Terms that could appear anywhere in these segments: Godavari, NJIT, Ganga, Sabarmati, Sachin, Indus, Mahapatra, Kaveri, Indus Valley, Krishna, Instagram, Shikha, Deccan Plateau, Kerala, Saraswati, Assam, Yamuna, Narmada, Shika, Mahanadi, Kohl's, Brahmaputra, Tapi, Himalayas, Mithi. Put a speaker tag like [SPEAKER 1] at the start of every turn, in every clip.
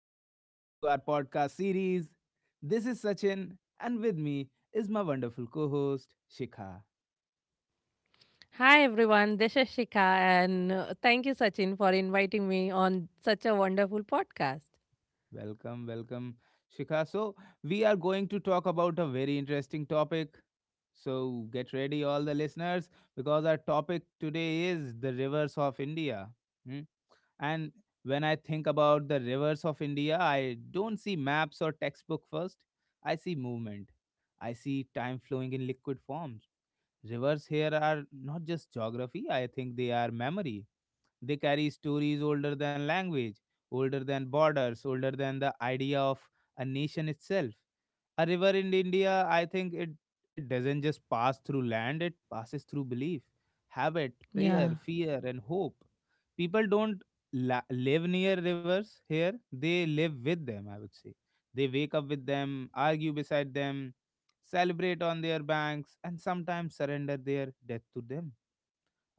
[SPEAKER 1] Welcome back to our podcast series. This is Sachin, and with me is my wonderful co host, Shikha.
[SPEAKER 2] Hi everyone, this is Shika, and thank you, Sachin, for inviting me on such a wonderful podcast.
[SPEAKER 1] Welcome, welcome, Shikha. So, we are going to talk about a very interesting topic. So, get ready, all the listeners, because our topic today is the rivers of India. Hmm? And when I think about the rivers of India, I don't see maps or textbook first. I see movement. I see time flowing in liquid forms. Rivers here are not just geography, I think they are memory. They carry stories older than language, older than borders, older than the idea of a nation itself. A river in India, I think it doesn't just pass through land, it passes through belief, habit, prayer,
[SPEAKER 2] Yeah,
[SPEAKER 1] fear, and hope. People don't live near rivers here, they live with them, I would say. They wake up with them, argue beside them, celebrate on their banks, and sometimes surrender their death to them.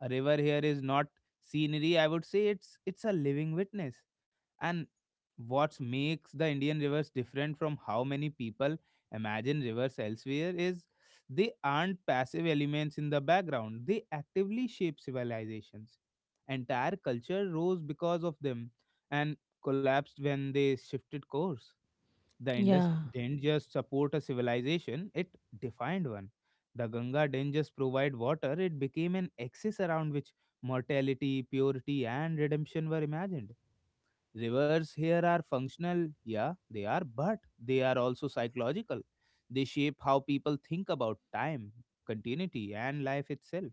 [SPEAKER 1] A river here is not scenery, I would say it's a living witness. And what makes the Indian rivers different from how many people imagine rivers elsewhere is they aren't passive elements in the background. They actively shape civilizations. Entire culture rose because of them and collapsed when they shifted course. The Indus
[SPEAKER 2] yeah,
[SPEAKER 1] didn't just support a civilization, it defined one. The Ganga didn't just provide water, it became an axis around which mortality, purity, and redemption were imagined. Rivers here are functional, yeah, they are, but they are also psychological. They shape how people think about time, continuity, and life itself.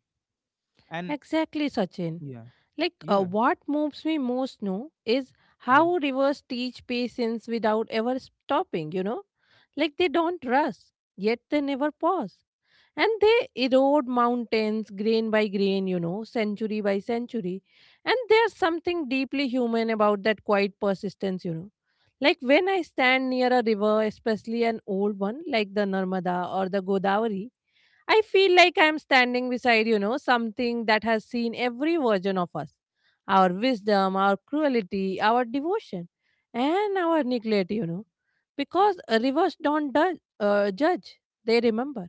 [SPEAKER 1] And
[SPEAKER 2] exactly, Sachin.
[SPEAKER 1] yeah,
[SPEAKER 2] Like,
[SPEAKER 1] yeah,
[SPEAKER 2] what moves me most, no, is
[SPEAKER 1] yeah,
[SPEAKER 2] how rivers teach patience without ever stopping, Like, they don't rush, yet they never pause. And they erode mountains grain by grain, century by century. And there's something deeply human about that quiet persistence, like when I stand near a river, especially an old one like the Narmada or the Godavari, I feel like I'm standing beside, something that has seen every version of us, our wisdom, our cruelty, our devotion, and our neglect, because rivers don't judge, they remember.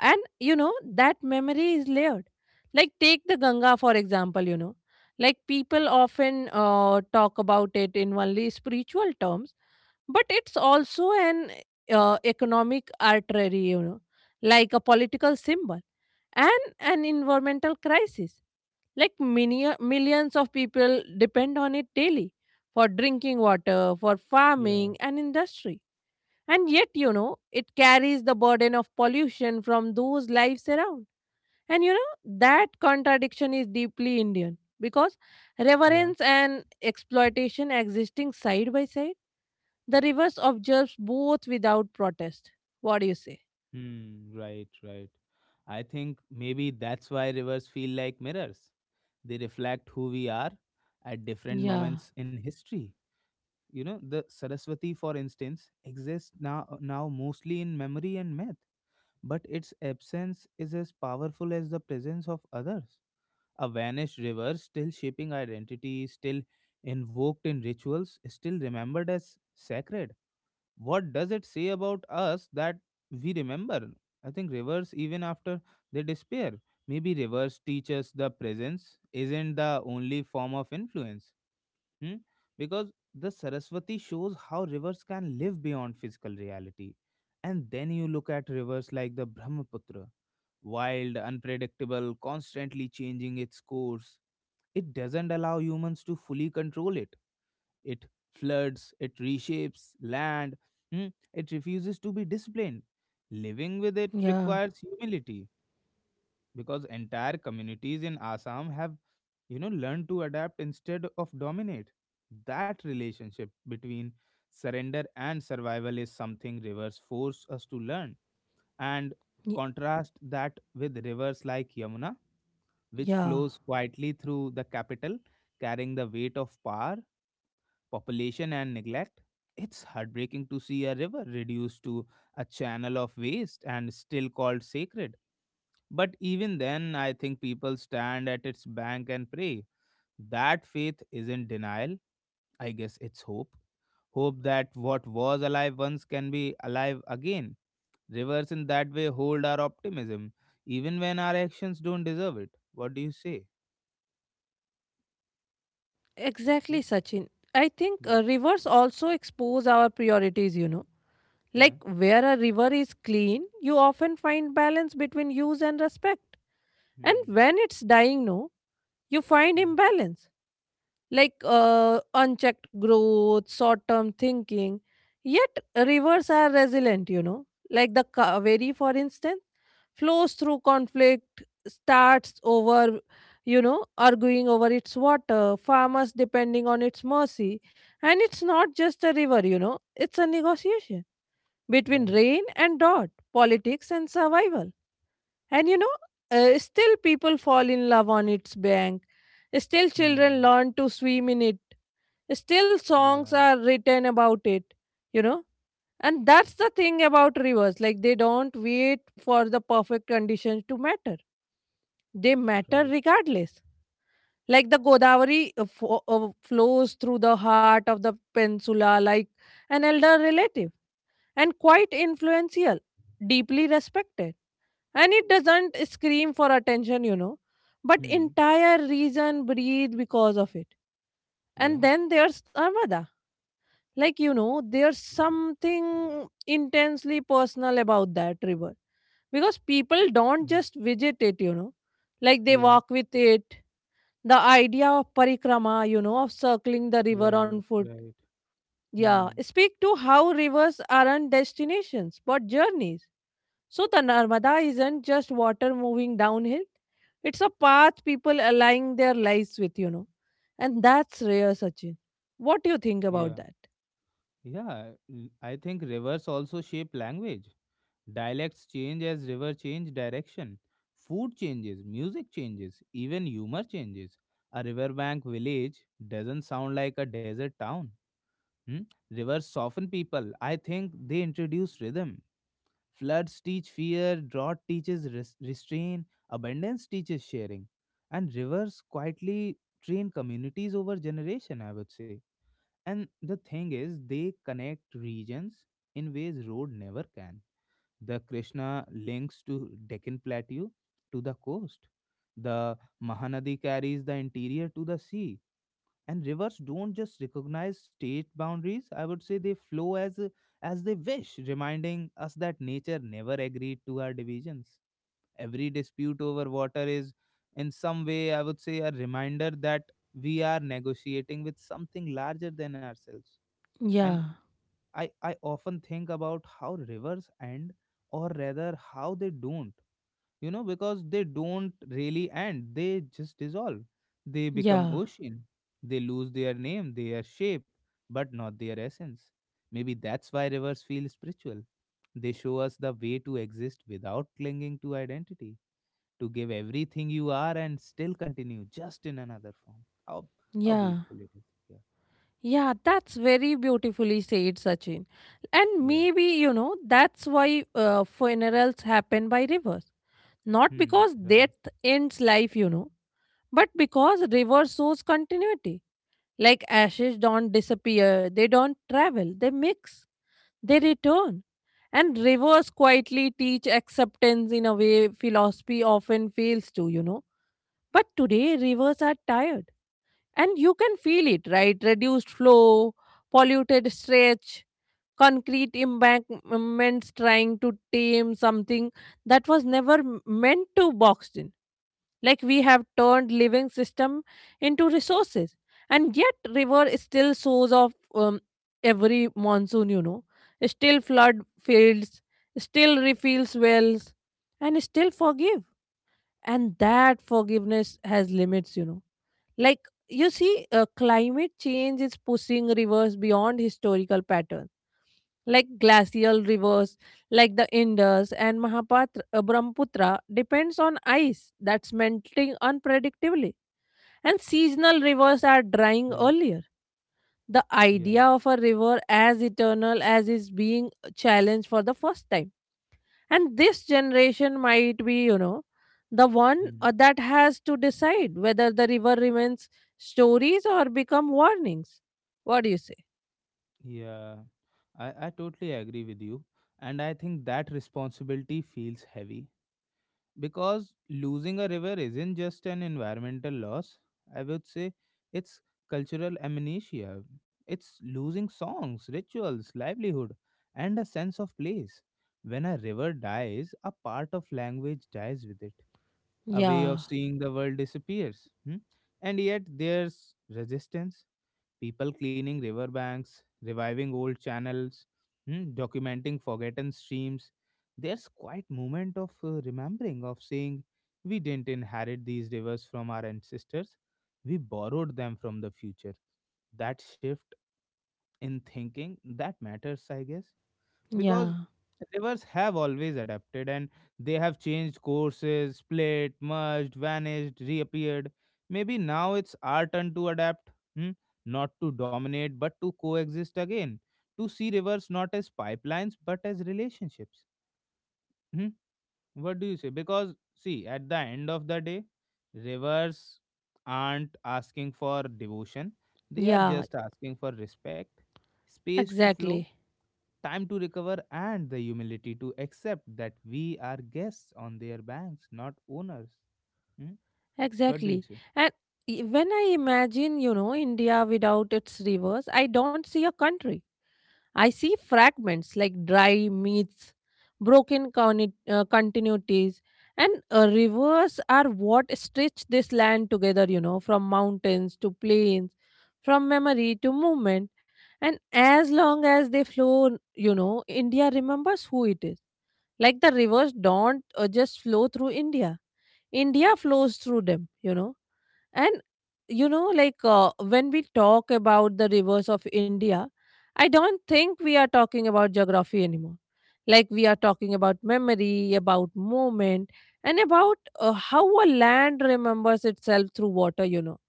[SPEAKER 2] And you know that memory is layered. Like take the Ganga, for example, like people often talk about it in only spiritual terms, but it's also an economic artery, like a political symbol and an environmental crisis. Like millions of people depend on it daily, for drinking water, for
[SPEAKER 1] yeah,
[SPEAKER 2] farming and industry. And yet, it carries the burden of pollution from those lives around. And you know, that contradiction is deeply Indian, because
[SPEAKER 1] yeah.
[SPEAKER 2] reverence and exploitation existing side by side, the rivers observes both without protest. What do you say?
[SPEAKER 1] Hmm, right, right. I think maybe that's why rivers feel like mirrors. They reflect who we are at different
[SPEAKER 2] Yeah,
[SPEAKER 1] moments in history. You know the Saraswati, for instance, exists now mostly in memory and myth, but its absence is as powerful as the presence of others. A vanished river still shaping identity, still invoked in rituals, still remembered as sacred. What does it say about us that we remember, I think, rivers even after they disappear? Maybe rivers teach us the presence isn't the only form of influence. Hmm? Because the Saraswati shows how rivers can live beyond physical reality. And then you look at rivers like the Brahmaputra, wild, unpredictable, constantly changing its course. It doesn't allow humans to fully control it. It floods, it reshapes land, hmm, it refuses to be disciplined. Living with it
[SPEAKER 2] yeah,
[SPEAKER 1] requires humility, because entire communities in Assam have, you know, learn to adapt instead of dominate. That relationship between surrender and survival is something rivers force us to learn. And
[SPEAKER 2] y-
[SPEAKER 1] contrast that with rivers like Yamuna, which
[SPEAKER 2] yeah.
[SPEAKER 1] flows quietly through the capital, carrying the weight of power, population, and neglect. It's heartbreaking to see a river reduced to a channel of waste and still called sacred. But even then, I think people stand at its bank and pray. That faith isn't denial, I guess it's hope. Hope that what was alive once can be alive again. Rivers in that way hold our optimism, even when our actions don't deserve it. What do you say?
[SPEAKER 2] Exactly,
[SPEAKER 1] Yeah,
[SPEAKER 2] Sachin. I think
[SPEAKER 1] yeah,
[SPEAKER 2] rivers also expose our priorities,
[SPEAKER 1] yeah.
[SPEAKER 2] Like where a river is clean, you often find balance between use and respect. And
[SPEAKER 1] Hmm.
[SPEAKER 2] when it's dying, no, you find
[SPEAKER 1] Yeah,
[SPEAKER 2] imbalance, like unchecked growth, short term thinking. Yet rivers are resilient, like the Kaveri, for instance, flows through conflict, starts over, arguing over its water, farmers depending on its mercy. And it's not just a river, it's a negotiation between
[SPEAKER 1] right.
[SPEAKER 2] rain and drought, politics and survival. And still people fall in love on its bank. Still children
[SPEAKER 1] Hmm.
[SPEAKER 2] learn to swim in it. Still songs
[SPEAKER 1] Yeah,
[SPEAKER 2] are written about it, you know. And that's the thing about rivers. Like they don't wait for the perfect conditions to matter. They matter
[SPEAKER 1] right.
[SPEAKER 2] regardless. Like the Godavari flows through the heart of the peninsula, like an elder relative, and quite influential, deeply respected. And it doesn't scream for attention, but
[SPEAKER 1] Hmm.
[SPEAKER 2] entire reason breathe because of it. And
[SPEAKER 1] Yeah.
[SPEAKER 2] then there's armada. Like there's something intensely personal about that river, because people don't
[SPEAKER 1] Hmm.
[SPEAKER 2] just visit it, like they
[SPEAKER 1] Yeah,
[SPEAKER 2] walk with it. The idea of parikrama, of circling the river on
[SPEAKER 1] right,
[SPEAKER 2] foot,
[SPEAKER 1] right.
[SPEAKER 2] yeah,
[SPEAKER 1] Hmm.
[SPEAKER 2] speak to how rivers aren't destinations but journeys. So the Narmada isn't just water moving downhill, it's a path people align their lives with, And that's rare, Sachin. What do you think
[SPEAKER 1] Yeah.
[SPEAKER 2] about that?
[SPEAKER 1] Yeah, I think rivers also shape language. Dialects change as river change direction. Food changes, music changes, even humor changes. A riverbank village doesn't sound like a desert town. Hmm? Rivers soften people. I think they introduce rhythm. Floods teach fear, drought teaches restraint, abundance teaches sharing. And rivers quietly train communities over generation, I would say, and the thing is, they connect regions in ways road never can. The Krishna links to Deccan Plateau to the coast. The Mahanadi carries the interior to the sea. And rivers don't just recognize state boundaries. I would say they flow as they wish, reminding us that nature never agreed to our divisions. Every dispute over water is, in some way, I would say, a reminder that we are negotiating with something larger than ourselves. And
[SPEAKER 2] Yeah,
[SPEAKER 1] I often think about how rivers end, or rather how they don't. You know, because they don't really end, they just dissolve, they become
[SPEAKER 2] yeah,
[SPEAKER 1] ocean. They lose their name, their shape, but not their essence. Maybe that's why rivers feel spiritual. They show us the way to exist without clinging to identity, to give everything you are and still continue just in another form. How
[SPEAKER 2] yeah.
[SPEAKER 1] beautiful it is. Yeah,
[SPEAKER 2] Yeah, that's very beautifully said, Sachin. And
[SPEAKER 1] yeah.
[SPEAKER 2] maybe, that's why funerals happen by rivers. Not
[SPEAKER 1] Hmm,
[SPEAKER 2] because
[SPEAKER 1] right.
[SPEAKER 2] death ends life, but because river shows continuity. Like ashes don't disappear, they don't travel, they mix. They return. And rivers quietly teach acceptance in a way philosophy often fails to, But today, rivers are tired. And you can feel it, right? Reduced flow, polluted stretch, concrete embankments trying to tame something that was never meant to boxed in. Like we have turned living system into resources. And yet river still sows off every monsoon, still flood fields, still refills wells, and still forgive. And that forgiveness has limits, like, you see, climate change is pushing rivers beyond historical patterns, like glacial rivers, like the Indus and Mahapatra, Brahmaputra, depends on ice that's melting unpredictably. And seasonal rivers are drying
[SPEAKER 1] Yeah,
[SPEAKER 2] earlier. The
[SPEAKER 1] yeah.
[SPEAKER 2] idea of a river as eternal as is being challenged for the first time. And this generation might be, the one
[SPEAKER 1] Hmm.
[SPEAKER 2] that has to decide whether the river remains stories or become warnings. What do you say?
[SPEAKER 1] Yeah, I totally agree with you. And I think that responsibility feels heavy because losing a river isn't just an environmental loss. I would say it's cultural amnesia. It's losing songs, rituals, livelihood, and a sense of place. When a river dies, a part of language dies with it. A way of
[SPEAKER 2] Yeah,
[SPEAKER 1] seeing the world disappears. Hmm? And yet there's resistance, people cleaning riverbanks, reviving old channels, mm, documenting forgotten streams. There's quite moment of remembering, of saying, we didn't inherit these rivers from our ancestors, we borrowed them from the future. That shift in thinking that matters, I guess, because
[SPEAKER 2] yeah,
[SPEAKER 1] rivers have always adapted, and they have changed courses, split, merged, vanished, reappeared. Maybe now it's our turn to adapt, hmm? Not to dominate, but to coexist again, to see rivers not as pipelines but as relationships. Hmm? What do you say? Because see, at the end of the day, rivers aren't asking for devotion. They are
[SPEAKER 2] yeah,
[SPEAKER 1] just asking for respect, space to flow,
[SPEAKER 2] Exactly.
[SPEAKER 1] time to recover, and the humility to accept that we are guests on their banks, not owners. Hmm? What do
[SPEAKER 2] exactly
[SPEAKER 1] you say?
[SPEAKER 2] and when I imagine, India without its rivers, I don't see a country. I see fragments, like dry meats, broken continuities, and rivers are what stitch this land together, from mountains to plains, from memory to movement. And as long as they flow, India remembers who it is. Like the rivers don't just flow through India. India flows through them, And you know, like when we talk about the rivers of India, I don't think we are talking about geography anymore. Like we are talking about memory, about moment, and about how a land remembers itself through water,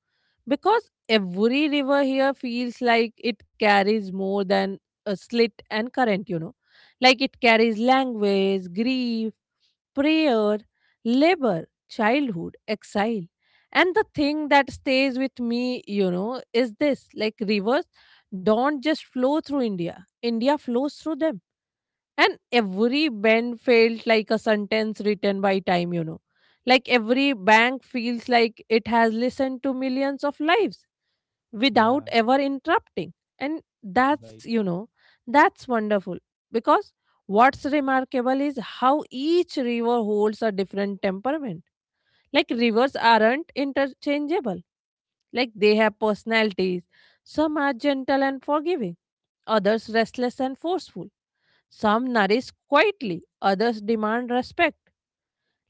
[SPEAKER 2] because every river here feels like it carries more than a slit and current, Like it carries language, grief, prayer, labor, childhood, exile. And the thing that stays with me, is this, like rivers don't just flow through India, India flows through them. And every bend felt like a sentence written by time, Like every bank feels like it has listened to millions of lives without
[SPEAKER 1] Yeah,
[SPEAKER 2] ever interrupting. And
[SPEAKER 1] right,
[SPEAKER 2] that's, that's wonderful, because what's remarkable is how each river holds a different temperament. Like rivers aren't interchangeable, like they have personalities. Some are gentle and forgiving, others restless and forceful, some nourish quietly, others demand respect.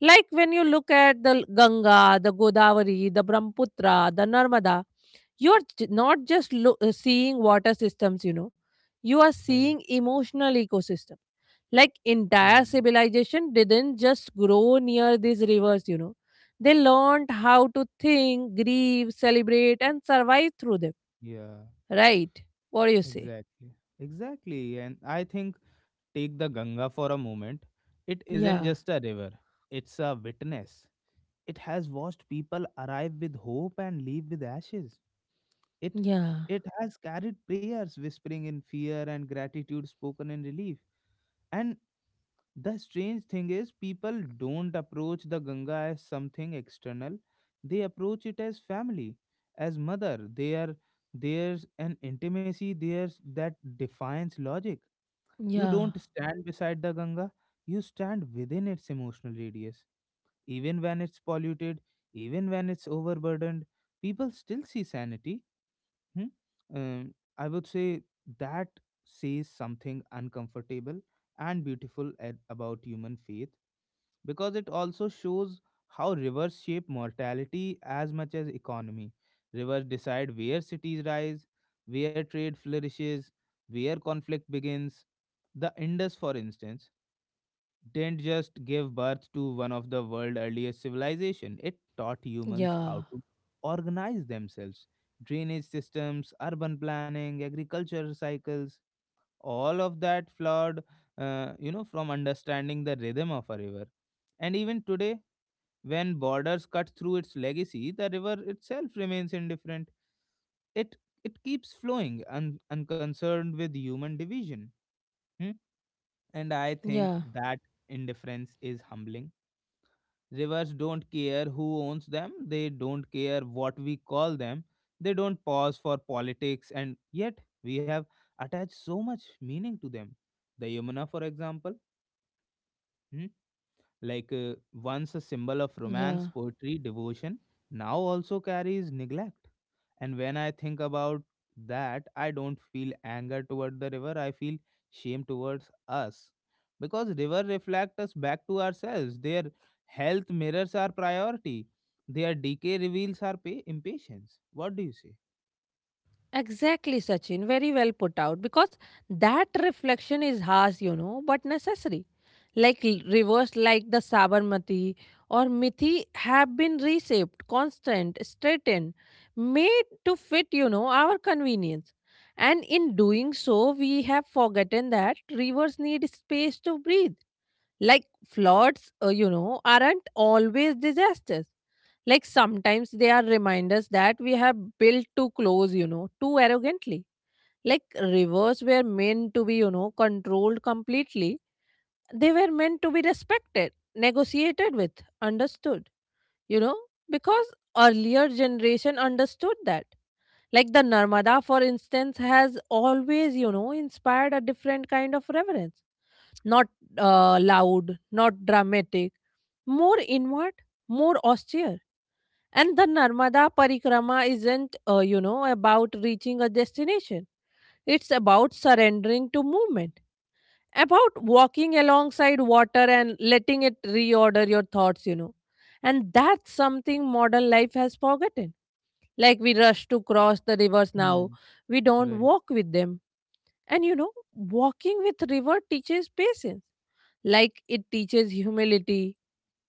[SPEAKER 2] Like when you look at the Ganga, the Godavari, the Brahmaputra, the Narmada, you are not just seeing water systems, you are
[SPEAKER 1] right.
[SPEAKER 2] seeing emotional ecosystem. Like entire
[SPEAKER 1] Hmm.
[SPEAKER 2] civilization didn't just grow near these rivers, They learned how to think, grieve, celebrate, and survive through them.
[SPEAKER 1] Yeah,
[SPEAKER 2] Right? What do you say?
[SPEAKER 1] exactly. Exactly. And I think take the Ganga for a moment. It isn't
[SPEAKER 2] Yeah,
[SPEAKER 1] just a river, it's a witness. It has watched people arrive with hope and leave with ashes. It
[SPEAKER 2] yeah,
[SPEAKER 1] it has carried prayers whispering in fear and gratitude spoken in relief. And the strange thing is people don't approach the Ganga as something external. They approach it as family, as mother. There's an intimacy there that defines logic. You
[SPEAKER 2] yeah,
[SPEAKER 1] don't stand beside the Ganga, you stand within its emotional radius. Even when it's polluted, even when it's overburdened, people still see sanity. Hmm? I would say that says something uncomfortable and beautiful about human faith, because it also shows how rivers shape mortality as much as economy. Rivers decide where cities rise, where trade flourishes, where conflict begins. The Indus, for instance, didn't just give birth to one of the world's earliest civilizations. It taught humans how
[SPEAKER 2] yeah,
[SPEAKER 1] to organize themselves. Drainage systems, urban planning, agriculture cycles, all of that flowed, you know, from understanding the rhythm of a river. And even today, when borders cut through its legacy, the river itself remains indifferent. It it keeps flowing, unconcerned with human division. Hmm? And I think
[SPEAKER 2] yeah.
[SPEAKER 1] that indifference is humbling. Rivers don't care who owns them, they don't care what we call them, they don't pause for politics, and yet we have attached so much meaning to them. The Yamuna, for example. Hmm, like once a symbol of romance,
[SPEAKER 2] Yeah,
[SPEAKER 1] poetry, devotion, now also carries neglect. And when I think about that, I don't feel anger toward the river, I feel shame towards us. Because river reflect us back to ourselves. Their health mirrors our priority. Their decay reveals our impatience. What do you say?
[SPEAKER 2] exactly, Sachin. Very well put out, because that reflection is harsh, but necessary. Like rivers like the Sabarmati or Mithi have been reshaped, constant, straightened, made to fit, our convenience. And in doing so, we have forgotten that rivers need space to breathe. Like floods, aren't always disasters. Like sometimes they are reminders that we have built too close, too arrogantly. Like rivers were meant to be, controlled completely. They were meant to be respected, negotiated with, understood, you know, because earlier generation understood that. Like the Narmada, for instance, has always, inspired a different kind of reverence. Not loud, not dramatic, more inward, more austere. And the Narmada Parikrama isn't, about reaching a destination. It's about surrendering to movement, about walking alongside water and letting it reorder your thoughts, And that's something modern life has forgotten. Like we rush to cross the rivers now,
[SPEAKER 1] Hmm.
[SPEAKER 2] we don't
[SPEAKER 1] Right.
[SPEAKER 2] walk with them. And, walking with river teaches patience, like it teaches humility.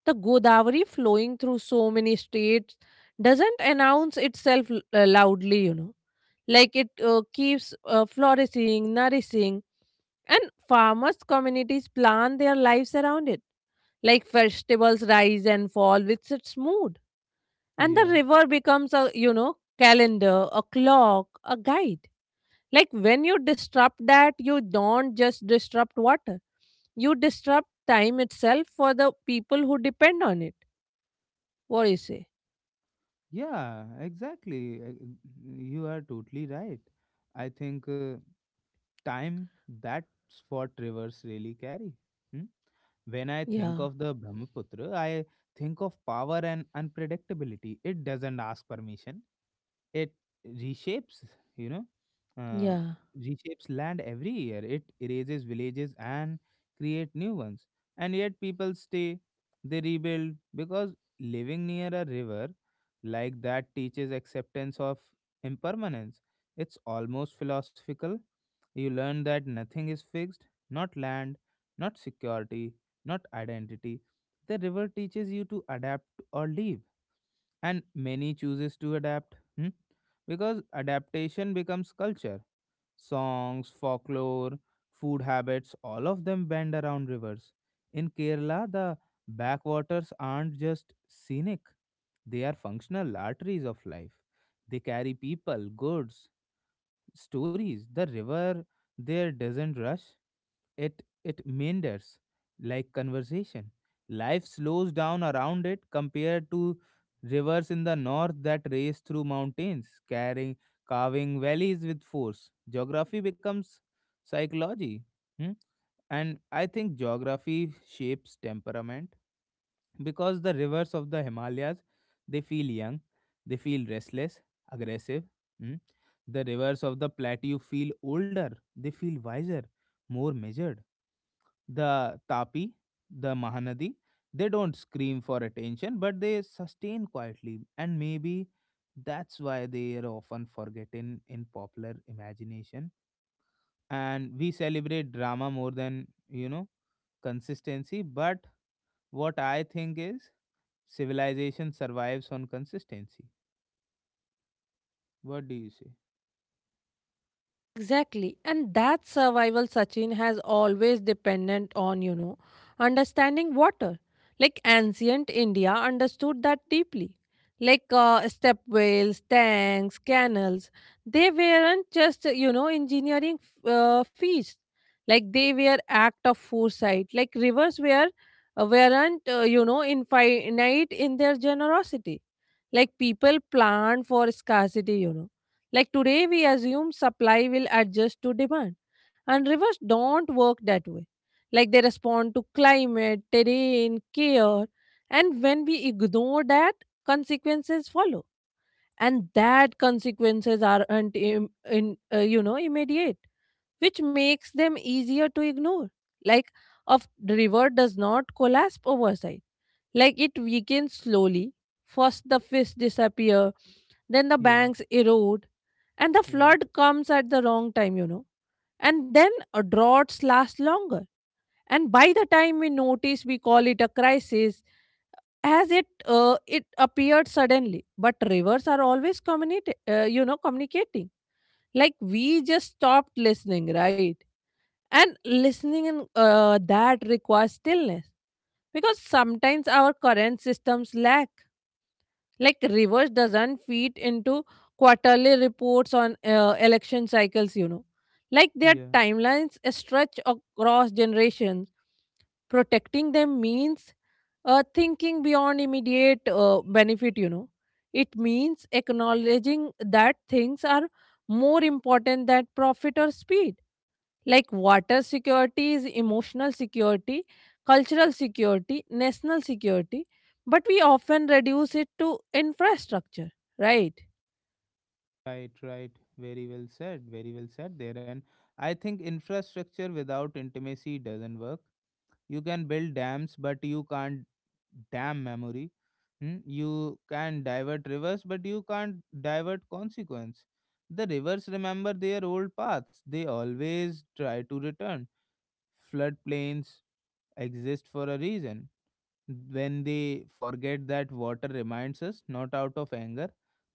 [SPEAKER 2] The Godavari flowing through so many states doesn't announce itself loudly, Like it keeps flourishing, nourishing, and farmers' communities plan their lives around it. Like festivals rise and fall with its mood. And the
[SPEAKER 1] Yeah.
[SPEAKER 2] river becomes a, calendar, a clock, a guide. Like when you disrupt that, you don't just disrupt water, you disrupt time itself for the people who depend on it. What do you say?
[SPEAKER 1] Yeah, exactly. You are totally right. I think time, that's what rivers really carry. Hmm? When I think
[SPEAKER 2] Yeah,
[SPEAKER 1] of the Brahmaputra, I think of power and unpredictability. It doesn't ask permission. It reshapes, you know, uh,
[SPEAKER 2] yeah.
[SPEAKER 1] reshapes land every year. It erases villages and create new ones. And yet people stay, they rebuild because living near a river like that teaches acceptance of impermanence. It's almost philosophical. You learn that nothing is fixed, not land, not security, not identity. The river teaches you to adapt or leave, and many chooses to adapt. Hmm? Because adaptation becomes culture. Songs, folklore, food habits, all of them bend around rivers. In Kerala, the backwaters aren't just scenic, they are functional arteries of life. They carry people, goods, stories. The river there doesn't rush, it meanders like conversation. Life slows down around it compared to rivers in the north that race through mountains, carving valleys with force. Geography becomes psychology. Hmm? And I think geography shapes temperament, because the rivers of the Himalayas, they feel young, they feel restless, aggressive. Hmm? The rivers of the plateau feel older, they feel wiser, more measured. The Tapi, the Mahanadi, they don't scream for attention, but they sustain quietly, and maybe that's why they are often forgotten in popular imagination. And we celebrate drama more than, you know, consistency. But what I think is civilization survives on consistency. What do you say?
[SPEAKER 2] Exactly. And that survival, Sachin, has always dependent on, understanding water. Like ancient India understood that deeply. Like step wells, tanks, canals, they weren't just, engineering feats. Like they were act of foresight. Like rivers were, weren't, infinite in their generosity, like people plan for scarcity, Like today, we assume supply will adjust to demand, and rivers don't work that way. Like they respond to climate, terrain, care, and when we ignore that, consequences follow. And that consequences aren't im- in, you know immediate, which makes them easier to ignore. Like a river does not collapse oversight, like it weakens slowly. First, the fish disappear, then the
[SPEAKER 1] Yeah,
[SPEAKER 2] banks erode, and the
[SPEAKER 1] right.
[SPEAKER 2] flood comes at the wrong time, And then droughts last longer. And by the time we notice, we call it a crisis, as it it appeared suddenly. But rivers are always communicate, communicating. Like we just stopped listening, right? And listening in that requires stillness, because sometimes our current systems lack. Like reverse doesn't feed into quarterly reports on election cycles, Like their timelines stretch across generations. Protecting them means thinking beyond immediate benefit, It means acknowledging that things are more important than profit or speed, like water security is emotional security, cultural security, national security, but we often reduce it to infrastructure, right?
[SPEAKER 1] Right, right. Very well said. Very well said there. And I think infrastructure without intimacy doesn't work. You can build dams, but you can't dam memory. Hmm? You can divert rivers, but you can't divert consequence. The rivers remember their old paths, they always try to return. Floodplains exist for a reason when they forget that water reminds us not out of anger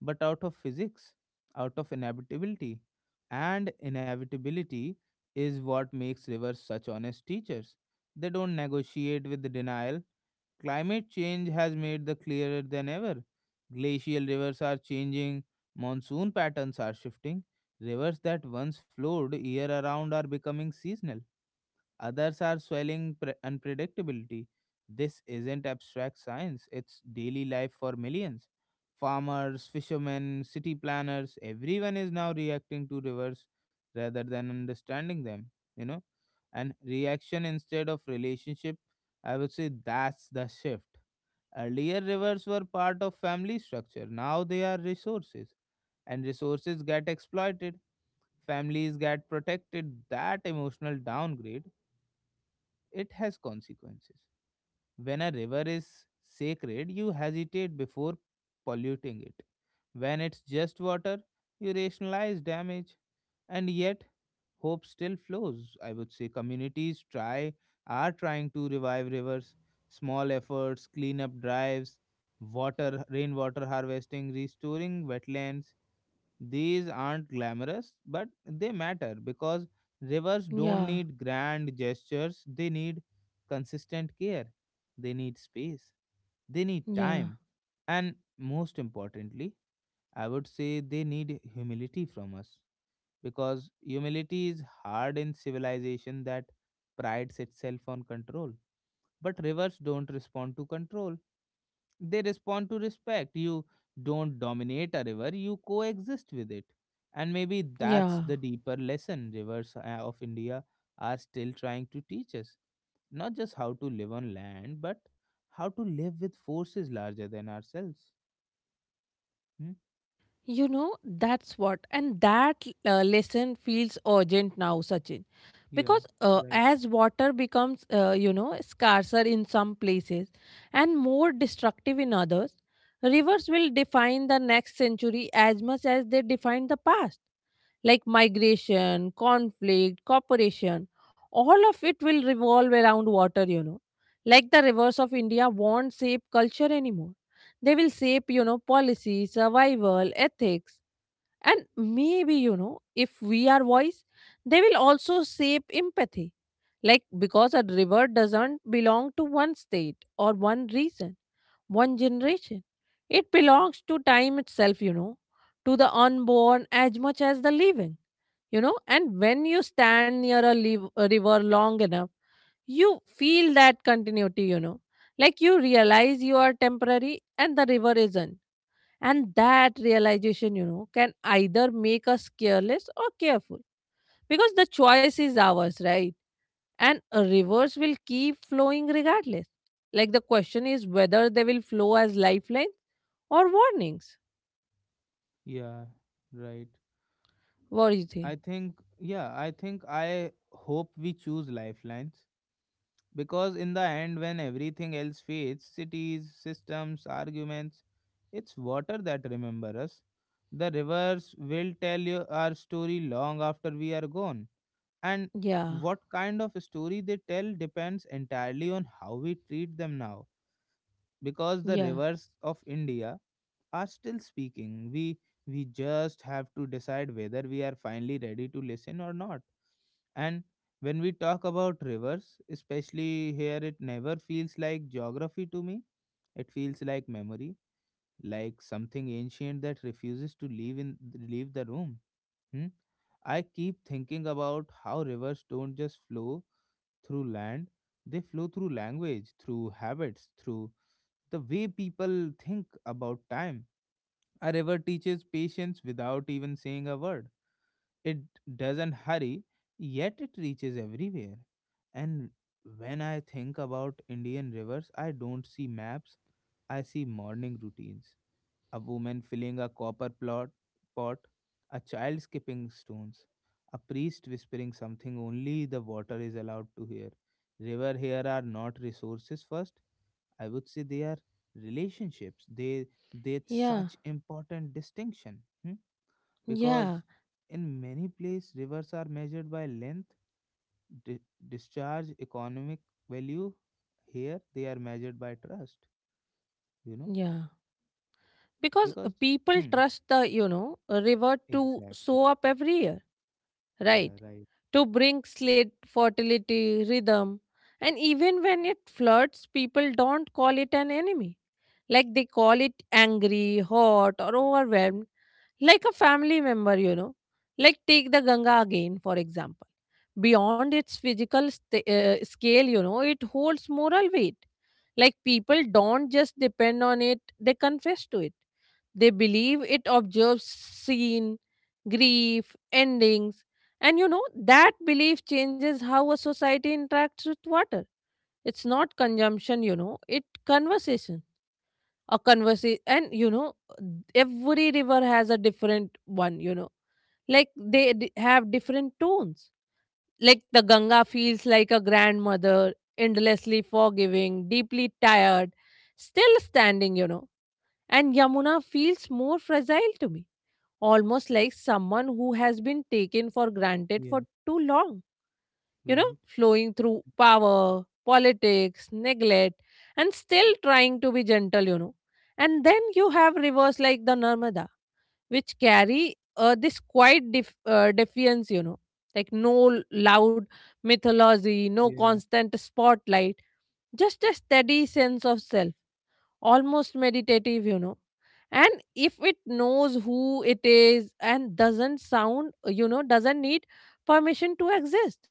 [SPEAKER 1] but out of physics, out of inevitability, and inevitability is what makes rivers such honest teachers. They don't negotiate with the denial. Climate change has made the clearer than ever. Glacial rivers are changing, monsoon patterns are shifting, rivers that once flowed year around are becoming seasonal. Others are swelling unpredictability. This isn't abstract science, it's daily life for millions. Farmers, fishermen, city planners, everyone is now reacting to rivers rather than understanding them, you know. And reaction instead of relationship, I would say that's the shift. Earlier, rivers were part of family structure, now they are resources, and resources get exploited, families get protected. That emotional downgrade, it has consequences. When a river is sacred, you hesitate before polluting it. When it's just water, you rationalize damage. And yet, hope still flows. I would say communities try are trying to revive rivers, small efforts, cleanup drives, water rainwater harvesting, restoring wetlands. These aren't glamorous, but they matter because rivers don't
[SPEAKER 2] Yeah,
[SPEAKER 1] need grand gestures. They need consistent care. They need space. They need
[SPEAKER 2] yeah,
[SPEAKER 1] time. And most importantly, I would say they need humility from us, because humility is hard in civilization that prides itself on control. But rivers don't respond to control, they respond to respect. You don't dominate a river, you coexist with it. And maybe
[SPEAKER 2] yeah.
[SPEAKER 1] that's the deeper lesson rivers of India are still trying to teach us. Not just how to live on land, but how to live with forces larger than ourselves. Hmm?
[SPEAKER 2] You know, that's what, and that lesson feels urgent now, Sachin.
[SPEAKER 1] Yeah,
[SPEAKER 2] Because
[SPEAKER 1] right.
[SPEAKER 2] as water becomes, scarcer in some places and more destructive in others, rivers will define the next century as much as they defined the past, like migration, conflict, cooperation. All of it will revolve around water. Like the rivers of India won't shape culture anymore. They will shape, policy, survival, ethics, and maybe, if we are wise, they will also shape empathy. Like because a river doesn't belong to one state or one region, one generation. It belongs to time itself, to the unborn as much as the living. And when you stand near a river long enough you feel that continuity. Like you realize you are temporary and the river isn't, and that realization can either make us careless or careful, because the choice is ours, right? And rivers will keep flowing regardless. Like the question is whether they will flow as lifelines or warnings.
[SPEAKER 1] Yeah, right.
[SPEAKER 2] What do you think?
[SPEAKER 1] I think I hope we choose lifelines because, in the end, when everything else fades, cities, systems, arguments, it's water that remember us. The rivers will tell you our story long after we are gone. And
[SPEAKER 2] Yeah,
[SPEAKER 1] what kind of story they tell depends entirely on how we treat them now, because the
[SPEAKER 2] yeah,
[SPEAKER 1] rivers of India are still speaking. We just have to decide whether we are finally ready to listen or not. And when we talk about rivers, especially here, it never feels like geography to me. It feels like memory, like something ancient that refuses to leave the room. Hmm? I keep thinking about how rivers don't just flow through land; they flow through language, through habits, through the way people think about time. A river teaches patience without even saying a word. It doesn't hurry, yet it reaches everywhere. And when I think about Indian rivers, I don't see maps, I see morning routines. A woman filling a pot, a child skipping stones, a priest whispering something only the water is allowed to hear. River here are not resources first, I would say they are relationships. They
[SPEAKER 2] yeah,
[SPEAKER 1] such important distinction. Hmm?
[SPEAKER 2] yeah,
[SPEAKER 1] Because in many places rivers are measured by length, di- discharge, economic value. Here they are measured by trust. You know,
[SPEAKER 2] yeah. Because
[SPEAKER 1] because
[SPEAKER 2] people
[SPEAKER 1] hmm,
[SPEAKER 2] trust the river to
[SPEAKER 1] exactly,
[SPEAKER 2] sow up every year,
[SPEAKER 1] yeah,
[SPEAKER 2] right,
[SPEAKER 1] right,
[SPEAKER 2] to bring slit, fertility, rhythm. And even when it floods, people don't call it an enemy, like they call it angry, hot, or overwhelmed, like a family member. Like take the Ganga again for example. Beyond its physical scale, you know, it holds moral weight. Like people don't just depend on it, they confess to it, they believe it observes scene, grief, endings. And that belief changes how a society interacts with water. It's not consumption, it conversation. A conversation, and every river has a different one, like they have different tones. Like the Ganga feels like a grandmother, endlessly forgiving, deeply tired, still standing, and Yamuna feels more fragile to me, almost like someone who has been taken for granted
[SPEAKER 1] yeah,
[SPEAKER 2] for too long.
[SPEAKER 1] right,
[SPEAKER 2] Flowing through power, politics, neglect, and still trying to be gentle. And then you have rivers like the Narmada, which carry this quiet defiance, you know, like no loud mythology, no
[SPEAKER 1] yeah,
[SPEAKER 2] constant spotlight, just a steady sense of self, almost meditative, and if it knows who it is and doesn't sound, doesn't need permission to exist.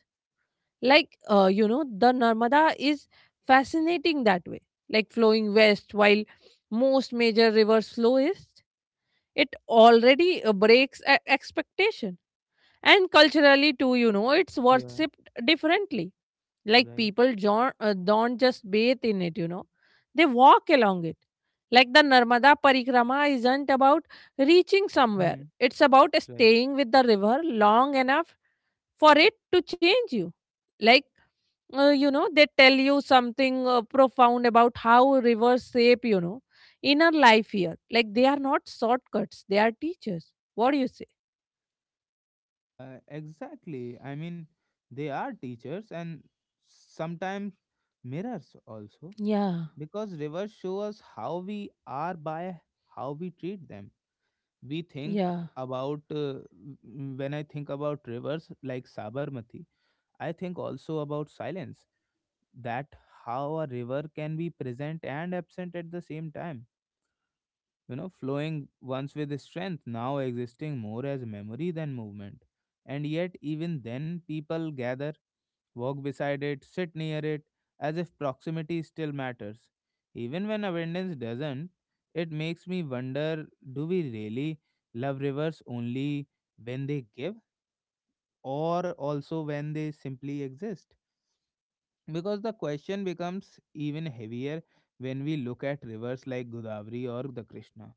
[SPEAKER 2] Like the Narmada is fascinating that way. Like flowing west while most major rivers flow east, it already breaks expectation. And culturally too, it's
[SPEAKER 1] yeah,
[SPEAKER 2] worshipped differently. Like
[SPEAKER 1] right,
[SPEAKER 2] people don't just bathe in it, they walk along it. Like the Narmada Parikrama isn't about reaching somewhere,
[SPEAKER 1] hmm.
[SPEAKER 2] it's about staying with the river long enough for it to change you. Like, they tell you something profound about how rivers shape, inner life here. Like, they are not shortcuts, they are teachers. What do you say?
[SPEAKER 1] Exactly. I mean, they are teachers and sometimes mirrors also,
[SPEAKER 2] Yeah,
[SPEAKER 1] because rivers show us how we are by how we treat them. We think
[SPEAKER 2] yeah,
[SPEAKER 1] about w- when I think about rivers like Sabarmati, I think also about silence, that how a river can be present and absent at the same time, you know, flowing once with strength, now existing more as memory than movement. And yet, even then, people gather, walk beside it, sit near it, as if proximity still matters. Even when abundance doesn't, it makes me wonder, do we really love rivers only when they give, or also when they simply exist? Because the question becomes even heavier when we look at rivers like Godavari or the Krishna.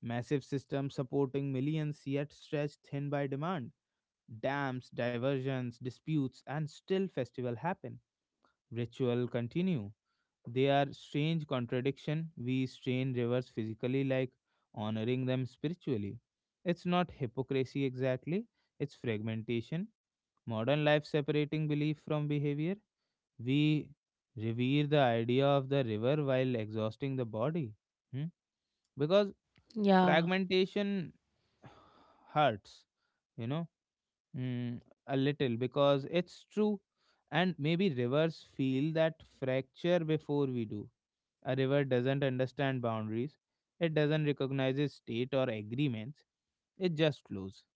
[SPEAKER 1] Massive systems supporting millions yet stretched thin by demand. Dams, diversions, disputes, and still festival happen. Ritual continue. They are strange contradiction. We strain rivers physically like honoring them spiritually. It's not hypocrisy exactly, it's fragmentation. Modern life separating belief from behavior. We revere the idea of the river while exhausting the body. Hmm? Because
[SPEAKER 2] yeah.
[SPEAKER 1] fragmentation hurts, you know, mm, a little because it's true. And maybe rivers feel that fracture before we do. A river doesn't understand boundaries, it doesn't recognize state or agreements, it just flows.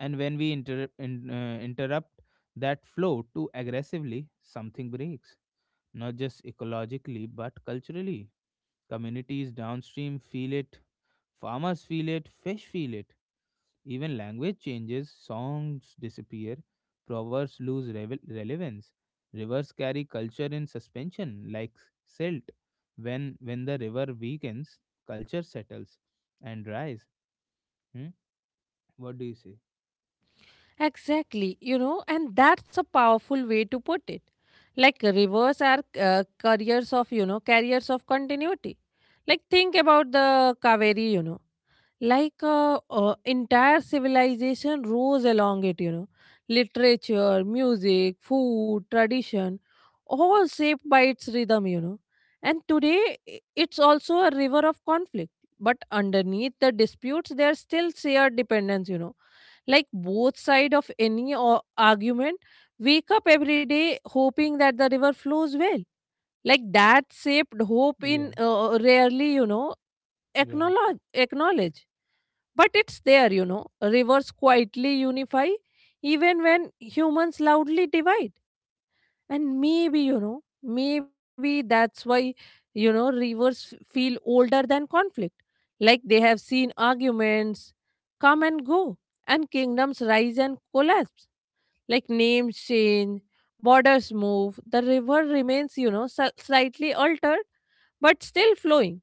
[SPEAKER 1] And when we interrupt that flow too aggressively, something breaks, not just ecologically, but culturally. Communities downstream feel it, farmers feel it, fish feel it. Even language changes, songs disappear, proverbs lose relevance. Rivers carry culture in suspension like silt. When the river weakens, culture settles and dries. Hmm? What do you say?
[SPEAKER 2] Exactly, and that's a powerful way to put it. Like rivers are careers of, you know, carriers of continuity. Like think about the Kaveri, like entire civilization rose along it, literature, music, food, tradition, all shaped by its rhythm. And today it's also a river of conflict, but underneath the disputes, there's still shared dependence, like both side of any argument wake up every day hoping that the river flows well. Like that shaped hope
[SPEAKER 1] Yeah,
[SPEAKER 2] in rarely, you know,
[SPEAKER 1] right.
[SPEAKER 2] acknowledge, but it's there. Rivers quietly unify even when humans loudly divide. And maybe, that's why rivers feel older than conflict. Like they have seen arguments come and go, and kingdoms rise and collapse. Like names change, borders move, the river remains, slightly altered but still flowing.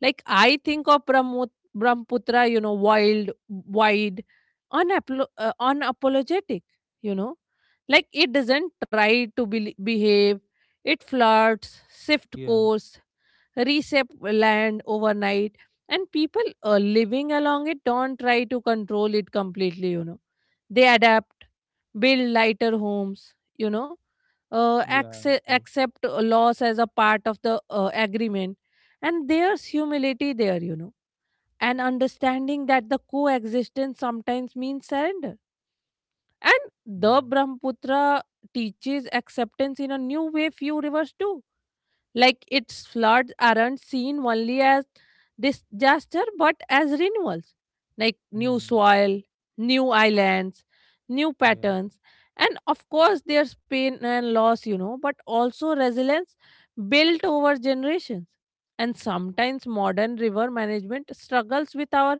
[SPEAKER 2] Like I think of Brahmaputra, you know, wild, wide, unapologetic, you know. Like it doesn't try to behave, it flirts, shift
[SPEAKER 1] Yeah,
[SPEAKER 2] course, reshape land overnight. And people living along it don't try to control it completely, you know. They adapt, build lighter homes, you know, uh,
[SPEAKER 1] yeah,
[SPEAKER 2] accept,
[SPEAKER 1] right.
[SPEAKER 2] accept uh, loss as a part of the agreement. And there's humility there, and understanding that the coexistence sometimes means surrender. And the
[SPEAKER 1] Yeah.
[SPEAKER 2] Brahmaputra teaches acceptance in a new way few rivers do. Like its floods aren't seen only as disaster but as renewals, like new
[SPEAKER 1] Hmm.
[SPEAKER 2] soil, new islands, new
[SPEAKER 1] Yeah.
[SPEAKER 2] patterns. And of course, there's pain and loss, but also resilience built over generations. And sometimes modern river management struggles with our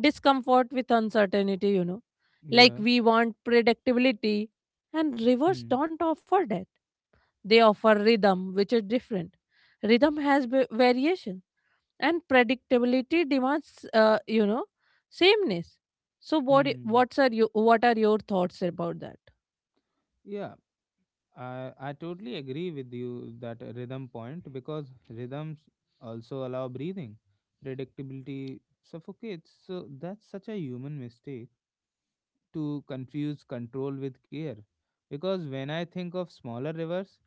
[SPEAKER 2] discomfort with uncertainty. Like
[SPEAKER 1] Yeah.
[SPEAKER 2] we want predictability, and rivers
[SPEAKER 1] Hmm.
[SPEAKER 2] don't offer that. They offer rhythm, which is different. Rhythm has variation, and predictability demands sameness. So, what I-
[SPEAKER 1] Hmm.
[SPEAKER 2] what's are you? What are your thoughts about that?
[SPEAKER 1] Yeah. I totally agree with you that rhythm point, because rhythms also allow breathing. Predictability suffocates, so that's such a human mistake to confuse control with care. Because when I think of smaller rivers,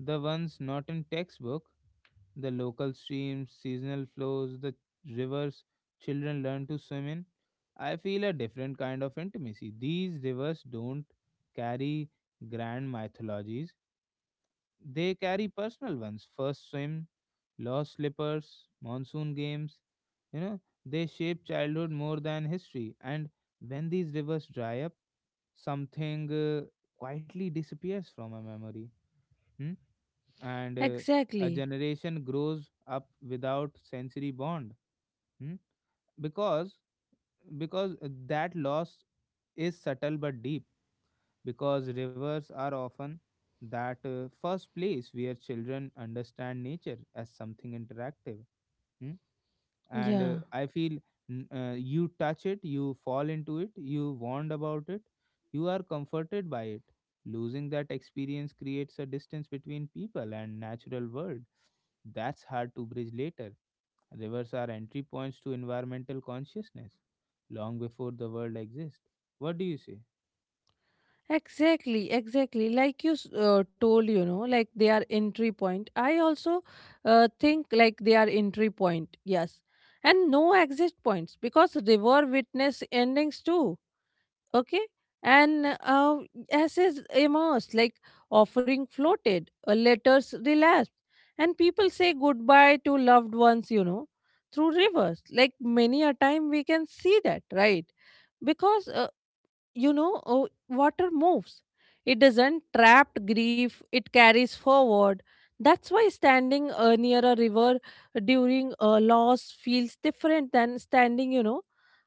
[SPEAKER 1] the ones not in textbook, the local streams, seasonal flows, the rivers children learn to swim in, I feel a different kind of intimacy. These rivers don't carry grand mythologies. They carry personal ones, first swim, lost slippers, monsoon games. You know, they shape childhood more than history. And when these rivers dry up, something quietly disappears from a memory. Hmm? And a
[SPEAKER 2] Exactly.
[SPEAKER 1] generation grows up without sensory bond. Hmm? because because that loss is subtle but deep, because rivers are often that first place where children understand nature as something interactive. Hmm? And
[SPEAKER 2] Yeah.
[SPEAKER 1] I feel you touch it, you fall into it, you warned about it, you are comforted by it. Losing that experience creates a distance between people and natural world. That's hard to bridge later. Rivers are entry points to environmental consciousness long before the world exists. What do you say?
[SPEAKER 2] Exactly. Exactly. Like you told, you know, like they are entry point. I also think like they are entry point. Yes, and no exit points, because they were witness endings too, okay, and essays immersed, like offering floated letters relapsed, and people say goodbye to loved ones through rivers, like many a time we can see that, right? Because, you know, oh, water moves, it doesn't trap grief, it carries forward. That's why standing near a river during a loss feels different than standing you know